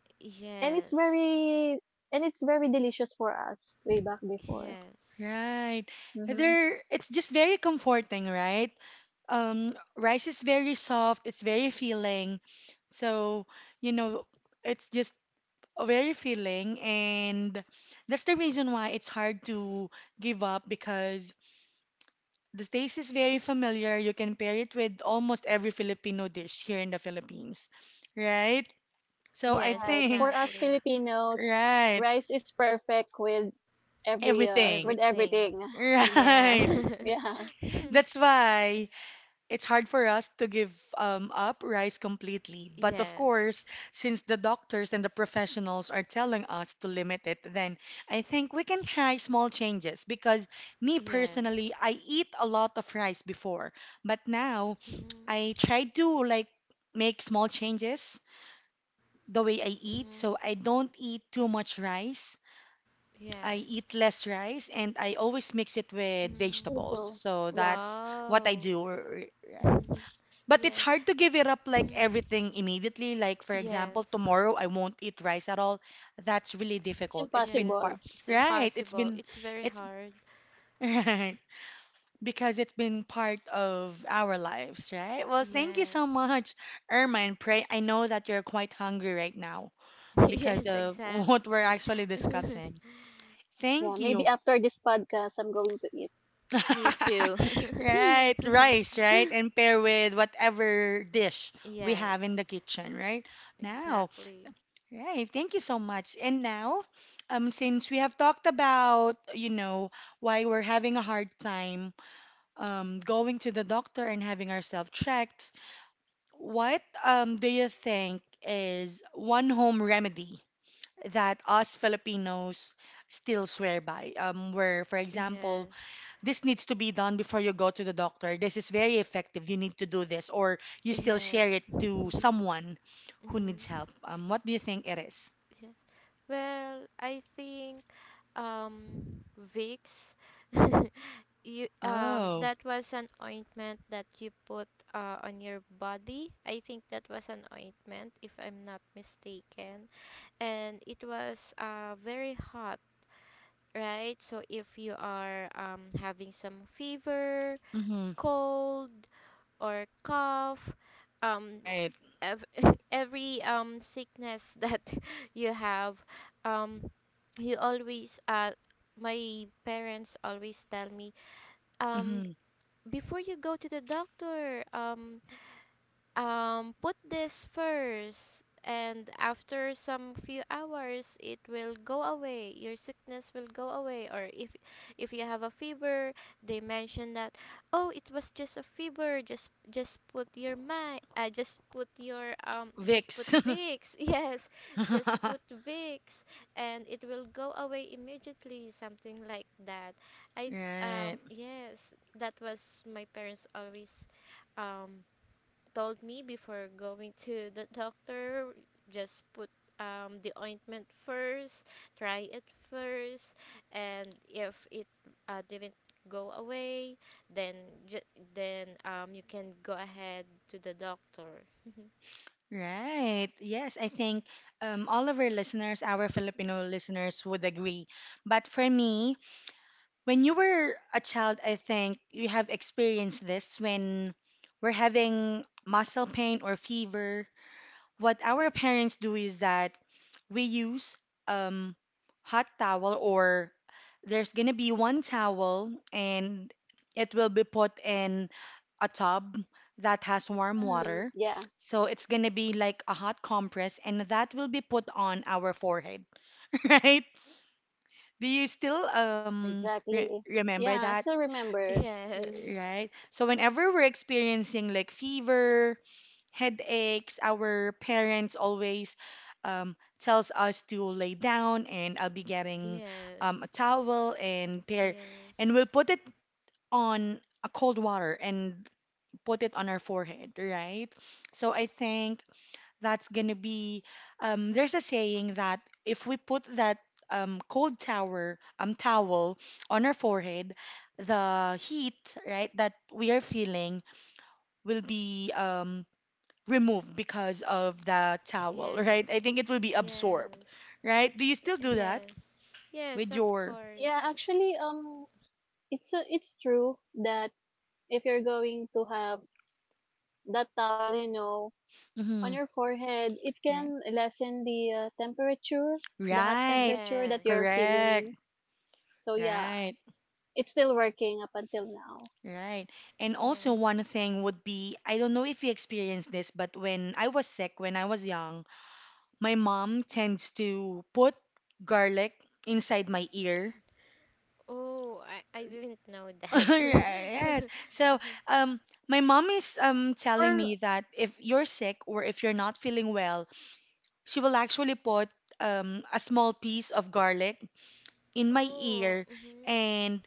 [SPEAKER 2] and it's
[SPEAKER 3] Yes.
[SPEAKER 2] very and it's very delicious for us way back before.
[SPEAKER 3] Yes.
[SPEAKER 1] Right.
[SPEAKER 2] Mm-hmm.
[SPEAKER 1] There, it's just very comforting, right? um, Rice is very soft, it's very filling. So, you know, it's just very filling, and that's the reason why it's hard to give up because the taste is very familiar. You can pair it with almost every Filipino dish here in the Philippines, right? So I
[SPEAKER 3] Yes,
[SPEAKER 2] Right.
[SPEAKER 1] think,
[SPEAKER 2] For us
[SPEAKER 3] exactly.
[SPEAKER 2] Filipinos,
[SPEAKER 1] right,
[SPEAKER 2] rice is perfect with every uh
[SPEAKER 1] everything.
[SPEAKER 2] with
[SPEAKER 3] Everything.
[SPEAKER 2] everything.
[SPEAKER 1] Right.
[SPEAKER 3] Yes.
[SPEAKER 2] Yeah.
[SPEAKER 1] That's why it's hard for us to give um, up rice completely. But of course,
[SPEAKER 3] Yes.
[SPEAKER 1] since the doctors and the professionals are telling us to limit it, then I think we can try small changes because me personally,
[SPEAKER 3] Yes.
[SPEAKER 1] I eat a lot of rice before, but now
[SPEAKER 3] Mm-hmm.
[SPEAKER 1] I try to like make small changes the way I eat.
[SPEAKER 3] Mm-hmm.
[SPEAKER 1] So I don't eat too much rice. I
[SPEAKER 3] Yes.
[SPEAKER 1] eat less rice and I always mix it with vegetables.
[SPEAKER 2] Ito.
[SPEAKER 1] So
[SPEAKER 3] Mm-hmm.
[SPEAKER 2] Yeah.
[SPEAKER 1] that's what I
[SPEAKER 3] Wow.
[SPEAKER 1] do, r- right? But it's
[SPEAKER 3] Yes.
[SPEAKER 1] hard to give it up like
[SPEAKER 3] Mm-hmm.
[SPEAKER 1] everything immediately. Like, for example,
[SPEAKER 3] Yes.
[SPEAKER 1] tomorrow I won't eat rice at all. That's really
[SPEAKER 2] It's
[SPEAKER 1] difficult. It's been part,
[SPEAKER 2] impossible.
[SPEAKER 3] Yes, it's
[SPEAKER 1] right? It's
[SPEAKER 3] impossible.
[SPEAKER 1] been,
[SPEAKER 3] It's very
[SPEAKER 1] it's,
[SPEAKER 3] hard.
[SPEAKER 1] right. Because it's been part of our lives, right? Well, thank you so
[SPEAKER 3] Yes.
[SPEAKER 1] much, Ermine. Pray, I know that you're quite hungry right now because
[SPEAKER 3] Yes,
[SPEAKER 1] of what we're
[SPEAKER 3] exactly.
[SPEAKER 1] actually discussing.
[SPEAKER 2] Yeah,
[SPEAKER 1] Thank
[SPEAKER 2] maybe
[SPEAKER 1] you.
[SPEAKER 2] after this podcast I'm going to eat.
[SPEAKER 3] Me too.
[SPEAKER 1] Right, rice, right? And pair with whatever dish we have in
[SPEAKER 3] Yes,
[SPEAKER 1] the kitchen, right? Now,
[SPEAKER 3] exactly.
[SPEAKER 1] right. Thank you so much. And now, um, since we have talked about, you know, why we're having a hard time um, going to the doctor and having ourselves checked, what um, do you think is one home remedy that us Filipinos still swear by? Um, where, for example,
[SPEAKER 3] Yes.
[SPEAKER 1] this needs to be done before you go to the doctor. This is very effective. You need to do this, or you still
[SPEAKER 3] Yes.
[SPEAKER 1] share it to someone who needs
[SPEAKER 3] Mhm.
[SPEAKER 1] help. Um, what do you think it is?
[SPEAKER 3] Yeah. Well, I think um Vicks. You um
[SPEAKER 1] Oh.
[SPEAKER 3] That was an ointment that you put uh, on your body. I think that was an ointment, if I'm not mistaken. And it was uh very hot, right? So if you are um having some fever,
[SPEAKER 1] Mm-hmm.
[SPEAKER 3] cold or cough, um
[SPEAKER 1] Right.
[SPEAKER 3] ev- every um sickness that you have, um you always uh my parents always tell me, um
[SPEAKER 1] Mm-hmm.
[SPEAKER 3] before you go to the doctor, um, um, put this first, and after some few hours, it will go away. Your sickness will go away. Or if if you have a fever, they mention that, oh, it was just a fever, just just put your my uh, just put your um just put
[SPEAKER 1] Vix.
[SPEAKER 3] Vicks. Yes, just put Vicks, and it will go away immediately, something like that. i f- um
[SPEAKER 1] Right.
[SPEAKER 3] yes, that was my parents always um told me, before going to the doctor, just put um, the ointment first, try it first, and if it uh, didn't go away, then ju- then um, you can go ahead to the doctor.
[SPEAKER 1] Right. Yes, I think um, all of our listeners, our Filipino listeners, would agree. But for me, when you were a child, I think you have experienced this when we're having muscle pain or fever. What our parents do is that we use um, hot towel or there's gonna be one towel and it will be put in a tub that has warm
[SPEAKER 2] Mm,
[SPEAKER 1] water.
[SPEAKER 2] yeah.
[SPEAKER 1] So it's gonna be like a hot compress and that will be put on our forehead, right? Do you still um re
[SPEAKER 2] Exactly.
[SPEAKER 1] remember
[SPEAKER 2] Yeah,
[SPEAKER 1] that,
[SPEAKER 2] I still remember. Mm.
[SPEAKER 3] Yes.
[SPEAKER 1] right? So whenever we're experiencing like fever, headaches. Our parents always um, tells us to lay down, and I'll be getting um, a
[SPEAKER 3] Yes.
[SPEAKER 1] towel and pair,
[SPEAKER 3] Yes.
[SPEAKER 1] and we'll put it on a cold water and put it on our forehead, right? So I think that's gonna be. Um, there's a saying that if we put that um, cold tower um towel on our forehead, the heat, right, that we are feeling will be um removed because of the towel, right? I
[SPEAKER 3] Yes.
[SPEAKER 1] think it will be absorbed,
[SPEAKER 3] Yes.
[SPEAKER 1] right? Do you still do that
[SPEAKER 3] Yes. Yes,
[SPEAKER 1] with
[SPEAKER 3] of
[SPEAKER 1] your?
[SPEAKER 2] Yeah,
[SPEAKER 3] course.
[SPEAKER 2] actually, um, it's a it's true that if you're going to have that towel, you know,
[SPEAKER 1] Hmm.
[SPEAKER 2] on your forehead, it
[SPEAKER 1] Right.
[SPEAKER 2] can lessen the uh, temperature, the hot
[SPEAKER 1] Right.
[SPEAKER 2] temperature that you're
[SPEAKER 3] Yes.
[SPEAKER 1] Correct.
[SPEAKER 2] feeling. So yeah,
[SPEAKER 1] Right.
[SPEAKER 2] it's still working up until now.
[SPEAKER 1] Right. And also one
[SPEAKER 3] Yes.
[SPEAKER 1] thing would be, I don't know if you experienced this, but when I was sick, when I was young, my mom tends to put garlic inside my ear.
[SPEAKER 3] Oh, I, I didn't know
[SPEAKER 1] Yes.
[SPEAKER 3] that.
[SPEAKER 1] So, um, my mom is um telling
[SPEAKER 2] For
[SPEAKER 1] me that if you're sick or if you're not feeling well, she will actually put um, a small piece of garlic in my
[SPEAKER 3] Oh,
[SPEAKER 1] ear
[SPEAKER 3] mm-hmm.
[SPEAKER 1] and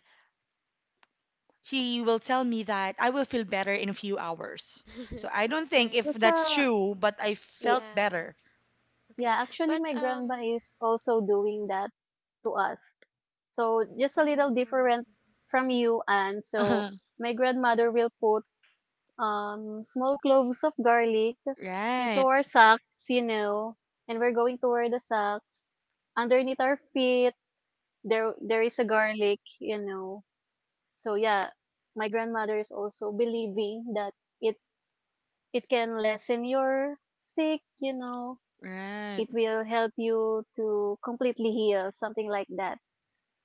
[SPEAKER 1] she will tell me that I will feel better in a few hours. So I don't think if
[SPEAKER 2] just
[SPEAKER 3] Alright.
[SPEAKER 1] that's
[SPEAKER 2] uh,
[SPEAKER 1] true, but I
[SPEAKER 2] yeah,
[SPEAKER 1] felt
[SPEAKER 3] Yeah.
[SPEAKER 1] better.
[SPEAKER 2] yeah.
[SPEAKER 3] Okay.
[SPEAKER 2] Actually,
[SPEAKER 3] But
[SPEAKER 2] my grandma
[SPEAKER 3] um.
[SPEAKER 2] is also doing that. To us. So just a little
[SPEAKER 3] Oh.
[SPEAKER 2] different from you, and so my grandmother will put um small cloves of garlic into
[SPEAKER 1] Right,
[SPEAKER 2] our socks, you know, and we're going to wear the socks underneath our feet. There, there is a garlic, you know. So yeah, my grandmother is also believing that it it can lessen your sick, you know.
[SPEAKER 1] right.
[SPEAKER 2] It will help you to completely heal, something like that.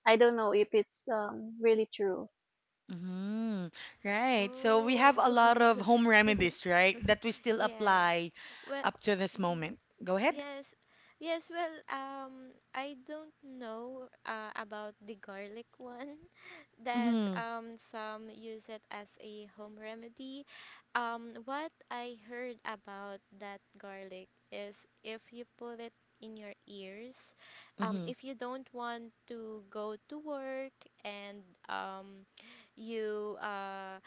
[SPEAKER 2] I don't know if it's um, really true.
[SPEAKER 1] hmm Right. So we
[SPEAKER 3] Oh.
[SPEAKER 1] have a lot of home remedies, right, that we still
[SPEAKER 3] Yes.
[SPEAKER 1] apply
[SPEAKER 3] Well.
[SPEAKER 1] up to this
[SPEAKER 3] Mhm.
[SPEAKER 1] moment. Go ahead.
[SPEAKER 3] Yes. Yes. Well. Um. I don't know. Uh. About the garlic one. That
[SPEAKER 1] Mm-hmm.
[SPEAKER 3] um, some use it as a home remedy. Um, what I heard about that garlic is, if you put it in your ears, um,
[SPEAKER 1] Mm-hmm.
[SPEAKER 3] if you don't want to go to work, and um, you uh,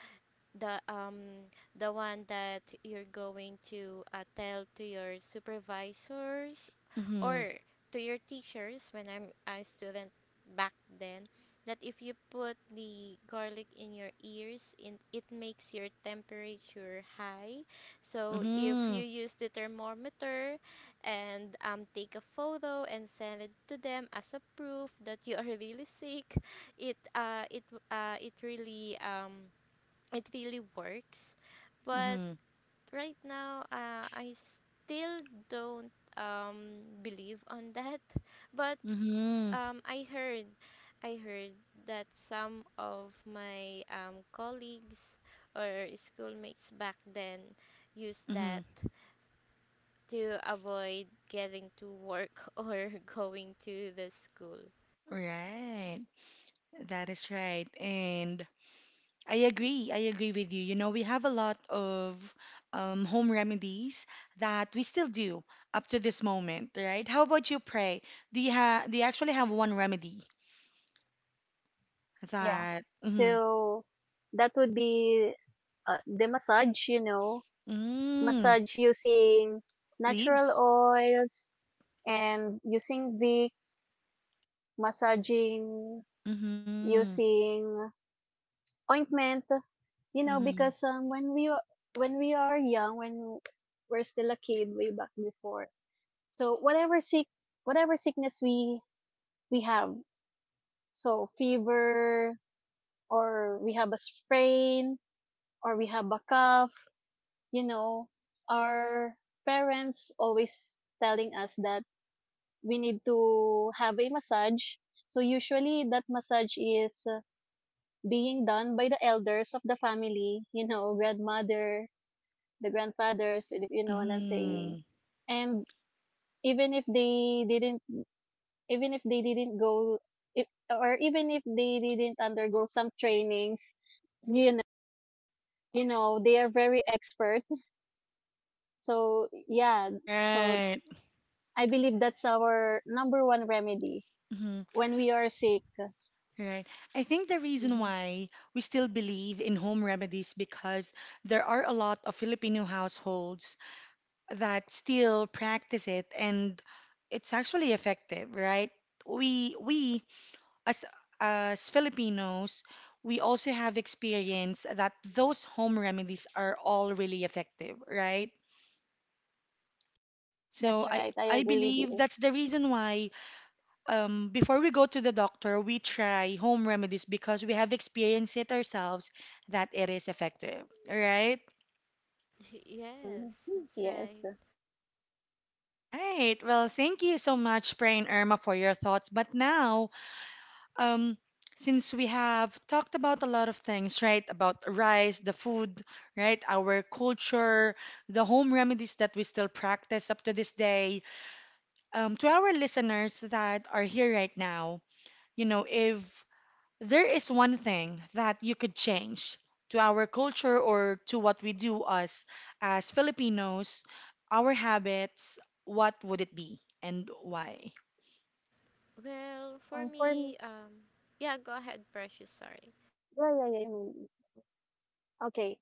[SPEAKER 3] the um the one that you're going to uh, tell to your supervisors,
[SPEAKER 1] Mm-hmm.
[SPEAKER 3] or to your teachers when I'm a student back then, that if you put the garlic in your ears in, it makes your temperature high, so if
[SPEAKER 1] Mm-hmm.
[SPEAKER 3] you use the thermometer, and um, take a photo and send it to them as a proof that you are really sick, it uh it uh it really um it really works. But
[SPEAKER 1] Mm-hmm.
[SPEAKER 3] right now, uh, I still don't um, believe on that. But
[SPEAKER 1] Mm-hmm.
[SPEAKER 3] um, I heard, I heard that some of my um, colleagues or schoolmates back then used that
[SPEAKER 1] Mm-hmm.
[SPEAKER 3] to avoid getting to work or going to the school.
[SPEAKER 1] Right. That is right. And I agree. I agree with you. You know, we have a lot of um, home remedies that we still do up to this moment, right? How about you, Pray? Do you have do you actually have one remedy
[SPEAKER 2] Yeah.
[SPEAKER 1] that mm,
[SPEAKER 2] So that would be uh, the massage, you know,
[SPEAKER 1] mm,
[SPEAKER 2] massage using natural
[SPEAKER 1] leaves?
[SPEAKER 2] oils and using Vicks, massaging
[SPEAKER 1] Mm-hmm.
[SPEAKER 2] using ointment, you know,
[SPEAKER 1] Mm-hmm.
[SPEAKER 2] because um, when we a- when we are young, when we're still a kid, way back before, so whatever sick whatever sickness we we have, so fever, or we have a sprain or we have a cough, you know, our parents always telling us that we need to have a massage. So usually that massage is uh, being done by the elders of the family, you know, grandmother, the grandfathers, you know what I'm saying.
[SPEAKER 1] Mm-hmm.
[SPEAKER 2] And even if they didn't even if they didn't go if, or even if they didn't undergo some trainings, you know, you know they are very expert. So, yeah. So,
[SPEAKER 1] Right.
[SPEAKER 2] I believe that's our number one remedy
[SPEAKER 1] Mm-hmm.
[SPEAKER 2] when we are sick.
[SPEAKER 1] Right. I think the reason
[SPEAKER 2] Mhm.
[SPEAKER 1] why we still believe in home remedies because there are a lot of Filipino households that still practice it and it's actually effective, right? We we as as Filipinos, we also have experience that those home remedies are all really effective, right?
[SPEAKER 2] That's
[SPEAKER 1] So I
[SPEAKER 2] right. I
[SPEAKER 1] I
[SPEAKER 2] agree with
[SPEAKER 1] believe
[SPEAKER 2] you.
[SPEAKER 1] that's the reason why um, before we go to the doctor, we try home remedies because we have experienced it ourselves that it is effective, right?
[SPEAKER 2] Mhm.
[SPEAKER 3] Yes, that's
[SPEAKER 2] Yes.
[SPEAKER 3] right.
[SPEAKER 1] Right. Well, thank you so much, Pray and Irma, for your thoughts. But now um, since we have talked about a lot of things, right? About rice, the food, right? Our culture, the home remedies that we still practice up to this day. Um, to our listeners that are here right now, you know, if there is one thing that you could change to our culture or to what we do us as Filipinos, our habits, what would it be and why?
[SPEAKER 3] Well, for
[SPEAKER 2] Um, for m-
[SPEAKER 3] me, um, yeah, go ahead, Precious. Sorry.
[SPEAKER 2] yeah, yeah, yeah. I okay.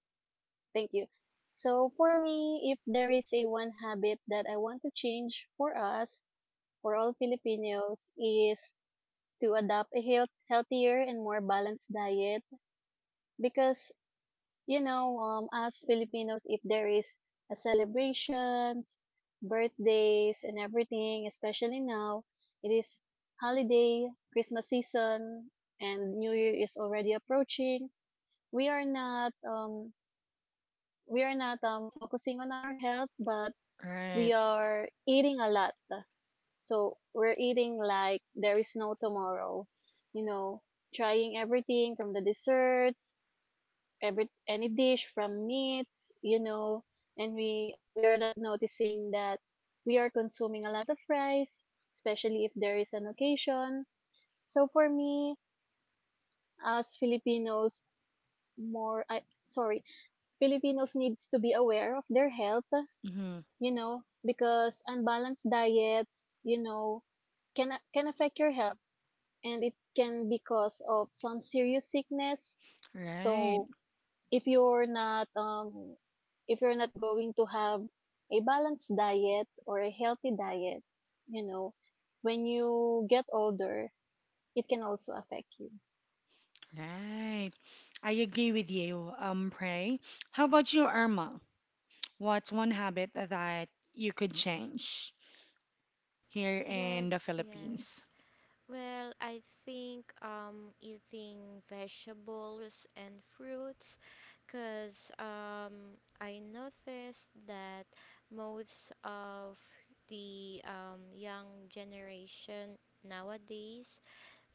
[SPEAKER 2] Thank you. So, for me, if there is a one habit that I want to change for us, for all Filipinos, is to adopt a health, healthier and more balanced diet because you know, um, as Filipinos, if there is a celebrations, birthdays, and everything, especially now, it is holiday, Christmas season, and New Year is already approaching. We are not, um, we are not um, focusing on our health, but we
[SPEAKER 1] Right.
[SPEAKER 2] are eating a lot. So we're eating like there is no tomorrow, you know, trying everything from the desserts, every any dish from meats, you know, and we we are not noticing that we are consuming a lot of rice, especially if there is an occasion. So for me, as Filipinos, more I sorry, Filipinos needs to be aware of their health,
[SPEAKER 1] hmm
[SPEAKER 2] you know, because unbalanced diets, you know, can a- can affect your health and it can be cause of some serious sickness.
[SPEAKER 1] Right.
[SPEAKER 2] So if you're not um if you're not going to have a balanced diet or a healthy diet, you know, when you get older, it can also affect you.
[SPEAKER 1] Right. I agree with you, um, Prey. How about you, Irma? What's one habit that you could change here in the
[SPEAKER 3] Yes,
[SPEAKER 1] Philippines?
[SPEAKER 3] yes. Well, I think um eating vegetables and fruits, cuz um I noticed that most of the um young generation nowadays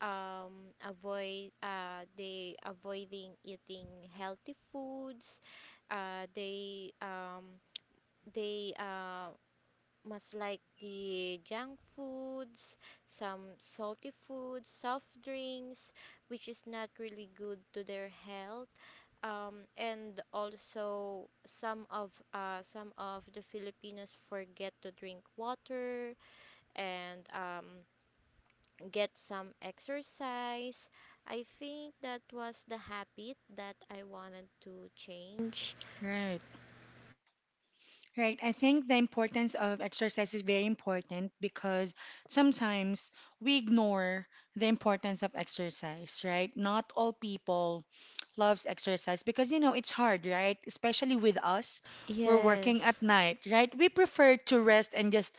[SPEAKER 3] um avoid uh they avoiding eating healthy foods. uh they um they uh Much like the junk foods, some salty foods, soft drinks, which is not really good to their health. Um, and also some of uh, some of the Filipinos forget to drink water and um, get some exercise. I think that was the habit that I wanted to change.
[SPEAKER 1] Right, right. I think the importance of exercise is very important because sometimes we ignore the importance of exercise, right? Not all people loves exercise because you know it's hard, right? Especially with us, we're working at
[SPEAKER 3] Yes,
[SPEAKER 1] night, right? We prefer to rest and just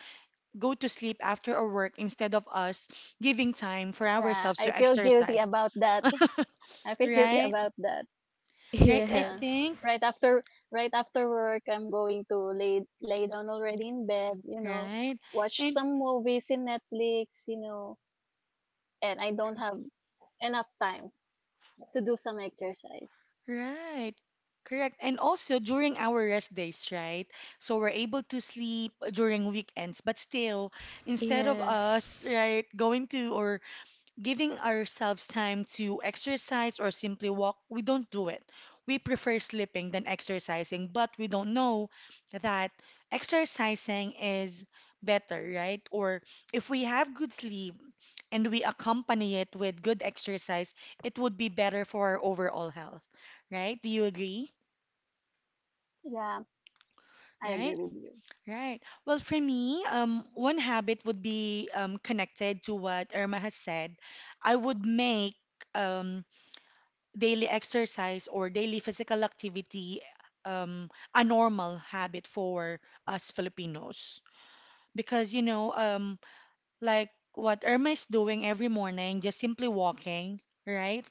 [SPEAKER 1] go to sleep after our work instead of us giving time for
[SPEAKER 2] Yeah,
[SPEAKER 1] ourselves
[SPEAKER 2] I
[SPEAKER 1] to
[SPEAKER 2] feel guilty
[SPEAKER 1] exercise.
[SPEAKER 2] about that. I feel guilty
[SPEAKER 1] Right?
[SPEAKER 2] about that.
[SPEAKER 1] Right, I
[SPEAKER 2] Yeah.
[SPEAKER 3] yes,
[SPEAKER 1] think.
[SPEAKER 2] Right after right after work, I'm going to lay lay down already in bed, you know,
[SPEAKER 1] Right.
[SPEAKER 2] watch
[SPEAKER 1] And
[SPEAKER 2] some movies in Netflix, you know, and I don't have enough time to do some exercise.
[SPEAKER 1] right. Correct. And also during our rest days, right? So we're able to sleep during weekends, but still, instead of
[SPEAKER 3] yes.
[SPEAKER 1] us, right, going to or giving ourselves time to exercise or simply walk, we don't do it. We prefer sleeping than exercising, but we don't know that exercising is better, right? Or if we have good sleep and we accompany it with good exercise, it would be better for our overall health, right? Do you agree?
[SPEAKER 2] Yeah, I agree
[SPEAKER 1] Right,
[SPEAKER 2] with you.
[SPEAKER 1] right. Well, for me, um, one habit would be um, connected to what Irma has said. I would make um, daily exercise or daily physical activity um, a normal habit for us Filipinos. Because, you know, um, like what Irma is doing every morning, just simply walking, right?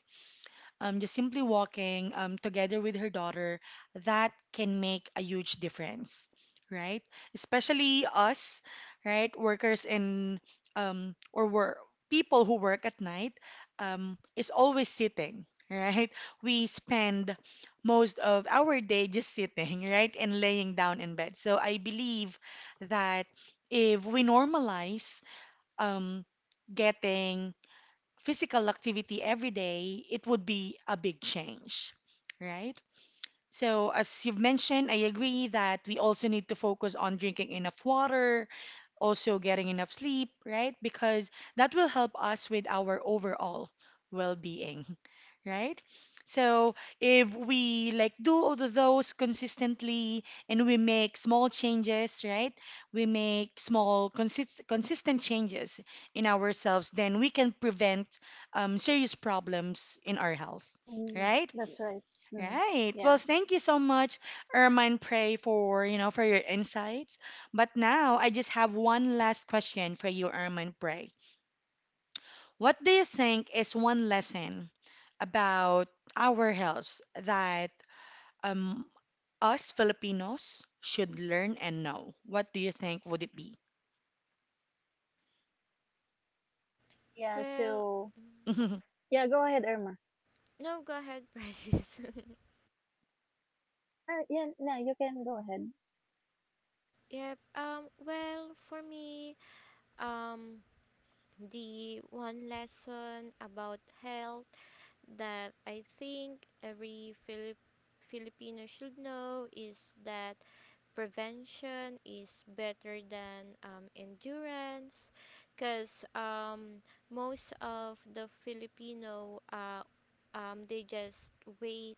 [SPEAKER 1] um, Just simply walking um, together with her daughter, that can make a huge difference, right? Especially us, right? Workers in um, or work people who work at night um, is always sitting, right? We spend most of our day just sitting, right, and laying down in bed. So I believe that if we normalize um, getting physical activity every day, it would be a big change, right? So, as you've mentioned, I agree that we also need to focus on drinking enough water, also getting enough sleep, right? Because that will help us with our overall well being right? So if we like do all of those consistently and we make small changes, right? We make small consist consistent changes in ourselves, then we can prevent um, serious problems in our health,
[SPEAKER 2] Mhm.
[SPEAKER 1] right?
[SPEAKER 2] That's right. Mhm.
[SPEAKER 1] Right. Well,
[SPEAKER 2] Yeah.
[SPEAKER 1] thank you so much, Irma and Pray, for you know for your insights. But now I just have one last question for you, Irma and Pray. What do you think is one lesson about our health that um, us Filipinos should learn and know? What do you think would it be?
[SPEAKER 2] Yeah,
[SPEAKER 3] Well,
[SPEAKER 2] so yeah, go ahead, Irma.
[SPEAKER 3] no, go ahead, Precious.
[SPEAKER 2] Yeah, yeah, yeah, you can go ahead.
[SPEAKER 3] Yep. Um. Well, for me, um, the one lesson about health that I think every Filip Filipino should know is that prevention is better than um, endurance, because um, most of the Filipino, uh, um, they just wait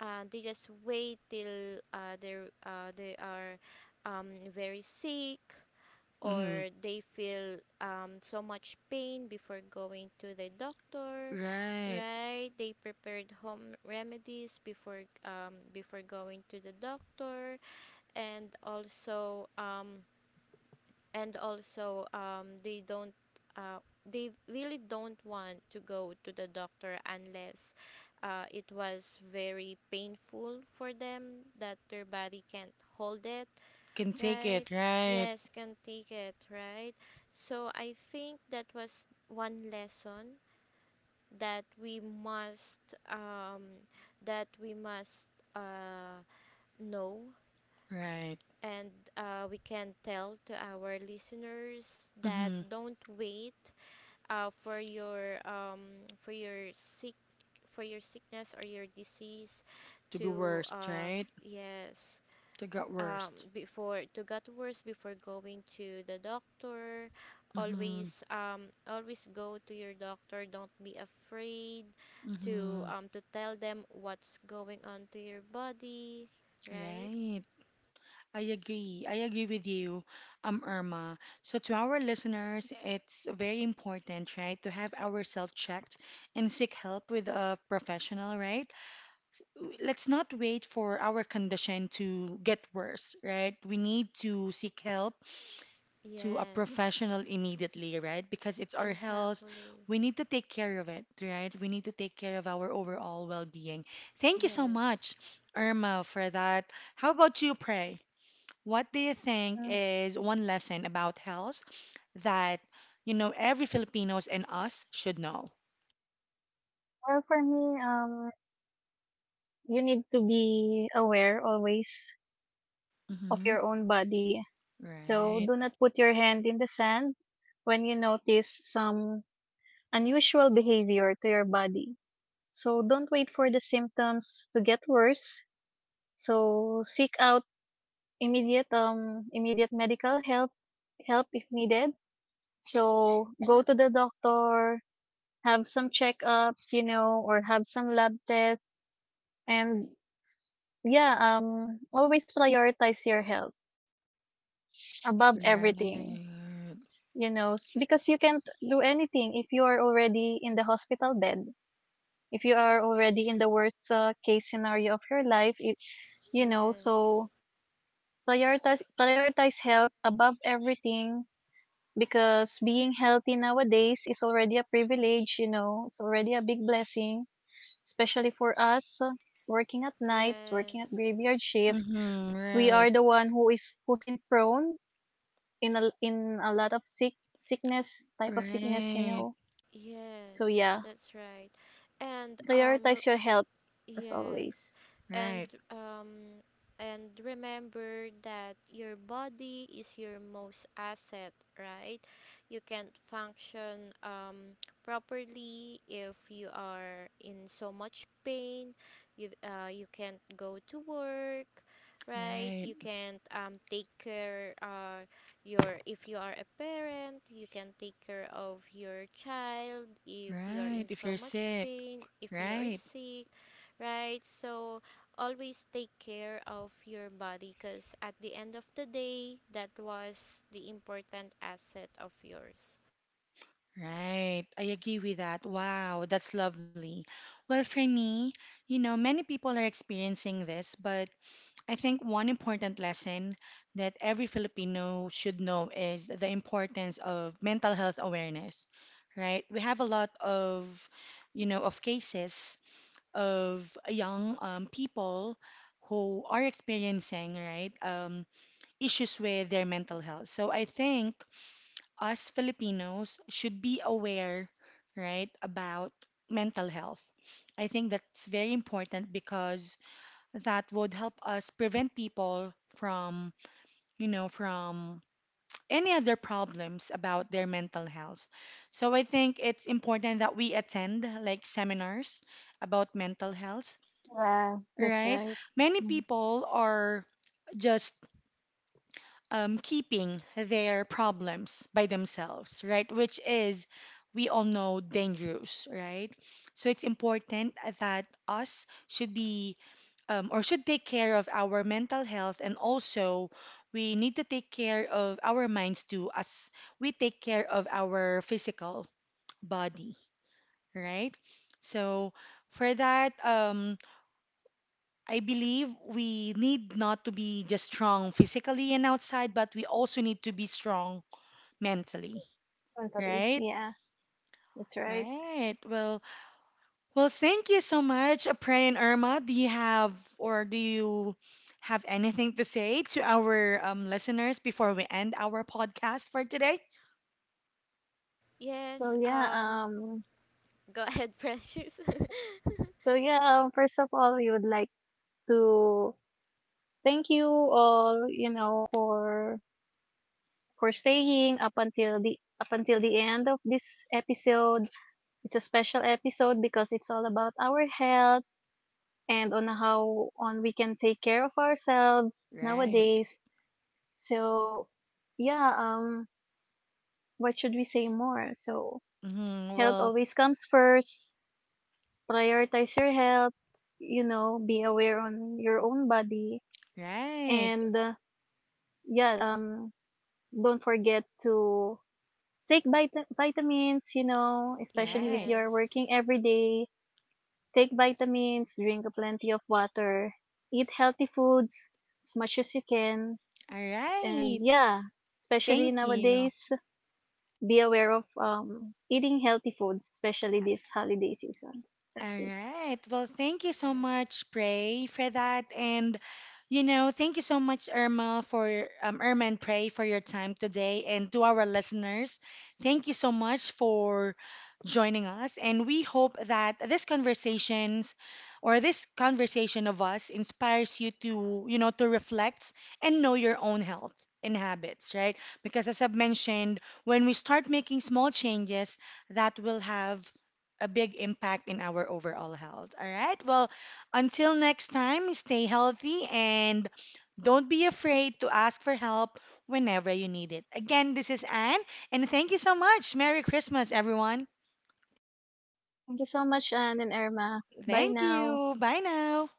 [SPEAKER 3] uh, they just wait till uh, they're uh, they are um, very sick,
[SPEAKER 1] Mhm.
[SPEAKER 3] or they feel um, so much pain before going to the doctor,
[SPEAKER 1] Right.
[SPEAKER 3] right? They prepared home remedies before um, before going to the doctor, and also um, and also um, they don't, uh, they really don't want to go to the doctor unless uh, it was very painful for them that their body can't hold it,
[SPEAKER 1] Can take
[SPEAKER 3] right?
[SPEAKER 1] it. Right.
[SPEAKER 3] Yes, can take it, right? So I think that was one lesson that we must um, that we must uh, know,
[SPEAKER 1] Right.
[SPEAKER 3] and uh, we can tell to our listeners that,
[SPEAKER 1] hmm
[SPEAKER 3] don't wait uh, for your um, for your sick for your sickness or your disease
[SPEAKER 1] To be
[SPEAKER 3] to
[SPEAKER 1] worst,
[SPEAKER 3] uh,
[SPEAKER 1] right?
[SPEAKER 3] yes,
[SPEAKER 1] To get
[SPEAKER 3] um,
[SPEAKER 1] worst.
[SPEAKER 3] before to get worse, before going to the doctor.
[SPEAKER 1] Mm-hmm.
[SPEAKER 3] Always um, always go to your doctor. Don't be afraid to
[SPEAKER 1] Mm-hmm.
[SPEAKER 3] um, to tell them what's going on to your body, right?
[SPEAKER 1] Right. I agree. I agree with you, um, Irma. So to our listeners, it's very important, right, to have ourselves checked and seek help with a professional, right? Let's not wait for our condition to get worse, right? We need to seek help to a
[SPEAKER 3] Yes.
[SPEAKER 1] professional immediately, right? Because it's our health.
[SPEAKER 3] Exactly.
[SPEAKER 1] We need to take care of it, right? We need to take care of our overall well-being. Thank you so
[SPEAKER 3] Yes.
[SPEAKER 1] much, Irma, for that. How about you, Pray? What do you think
[SPEAKER 2] Hmm.
[SPEAKER 1] is one lesson about health that, you know, every Filipinos and us should know?
[SPEAKER 2] Well, for me, um, you need to be aware always of
[SPEAKER 1] Mm-hmm.
[SPEAKER 2] your own body. So
[SPEAKER 1] Right.
[SPEAKER 2] do not put your hand in the sand when you notice some unusual behavior to your body. So don't wait for the symptoms to get worse. So seek out immediate um immediate medical help help if needed. So go to the doctor, have some checkups, you know, or have some lab tests. And yeah, um, always prioritize your health above everything,
[SPEAKER 1] Right.
[SPEAKER 2] you know, s- because you can't do anything if you are already in the hospital bed, if you are already in the worst uh, case scenario of your life, it, you know,
[SPEAKER 3] Yes.
[SPEAKER 2] so prioritize, prioritize health above everything because being healthy nowadays is already a privilege, you know, it's already a big blessing, especially for us uh, working at nights, working at
[SPEAKER 3] Yes.
[SPEAKER 2] graveyard shift,
[SPEAKER 1] Mm-hmm.
[SPEAKER 2] we
[SPEAKER 1] Right.
[SPEAKER 2] are the one who is who's in prone in a in a lot of sick sickness, type of sickness, you
[SPEAKER 1] Right.
[SPEAKER 2] know. So
[SPEAKER 3] Yes.
[SPEAKER 2] yeah,
[SPEAKER 3] That's right. And um
[SPEAKER 2] prioritize your health as
[SPEAKER 3] yes.
[SPEAKER 2] always.
[SPEAKER 3] And
[SPEAKER 1] Right.
[SPEAKER 3] um and remember that your body is your most asset, right? You can't function um properly if you are in so much pain. You uh you can't go to work, right?
[SPEAKER 1] Right.
[SPEAKER 3] You can't um take care, uh your if you are a parent, you can take care of your child if you are
[SPEAKER 1] Right.
[SPEAKER 3] in
[SPEAKER 1] If
[SPEAKER 3] so
[SPEAKER 1] you're
[SPEAKER 3] much
[SPEAKER 1] sick.
[SPEAKER 3] pain, if you are
[SPEAKER 1] Right.
[SPEAKER 3] sick, right? So, always take care of your body, because at the end of the day, that was the important asset of yours.
[SPEAKER 1] Right. I agree with that. Wow, that's lovely. Well, for me, you know, many people are experiencing this, but I think one important lesson that every Filipino should know is the importance of mental health awareness, right? We have a lot of, you know, of cases of young um, people who are experiencing, right, um, issues with their mental health. So I think us Filipinos should be aware, right, about mental health. I think that's very important because that would help us prevent people from, you know, from any other problems about their mental health. So I think it's important that we attend like seminars about mental health, right? Many
[SPEAKER 2] Mhm.
[SPEAKER 1] people are just um, keeping their problems by themselves, right? Which is, we all know, dangerous, right? So it's important that us should be um, or should take care of our mental health and also we need to take care of our minds too as we take care of our physical body, right? So for that, um, I believe we need not to be just strong physically and outside, but we also need to be strong mentally,
[SPEAKER 2] Totally.
[SPEAKER 1] right?
[SPEAKER 2] Yeah, that's right.
[SPEAKER 1] Right. Well, well, thank you so much, Apray and Irma. Do you have or do you have anything to say to our um, listeners before we end our podcast for today?
[SPEAKER 2] So
[SPEAKER 3] Yes,
[SPEAKER 2] yeah,
[SPEAKER 3] um,
[SPEAKER 2] um,
[SPEAKER 3] go ahead, Precious.
[SPEAKER 2] so yeah, um, first of all, we would like to thank you all, you know, for for staying up until the up until the end of this episode. It's a special episode because it's all about our health and on how on we can take care of ourselves
[SPEAKER 1] Right.
[SPEAKER 2] nowadays. So, yeah, um what should we say more? So,
[SPEAKER 1] Mhm,
[SPEAKER 2] health
[SPEAKER 1] Well,
[SPEAKER 2] always comes first. Prioritize your health, you know, be aware on your own body
[SPEAKER 1] right,
[SPEAKER 2] and uh, yeah, um don't forget to take vit- vitamins, you know, especially if
[SPEAKER 1] right.
[SPEAKER 2] you're working
[SPEAKER 3] Yes,
[SPEAKER 2] every day. Take vitamins, drink a plenty of water, eat healthy foods as much as you can,
[SPEAKER 1] All right.
[SPEAKER 2] and yeah, especially
[SPEAKER 1] Thank you.
[SPEAKER 2] nowadays, be aware of um, eating healthy foods, especially this holiday season.
[SPEAKER 1] All
[SPEAKER 2] That's it.
[SPEAKER 1] right. Well, thank you so
[SPEAKER 3] yes.
[SPEAKER 1] much, Pray, for that. And, you know, thank you so much, Irma, for um, Irma and Pray for your time today. And to our listeners, thank you so much for joining us. And we hope that this conversations or this conversation of us inspires you to, you know, to reflect and know your own health and habits, right? Because as I've mentioned, when we start making small changes, that will have a big impact in our overall health. All right. Well, until next time, stay healthy and don't be afraid to ask for help whenever you need it. Again, this is Anne, and thank you so much. Merry Christmas, everyone.
[SPEAKER 2] Thank you so much, Anne and Irma. Bye
[SPEAKER 1] Thank
[SPEAKER 2] now.
[SPEAKER 1] you. Bye now.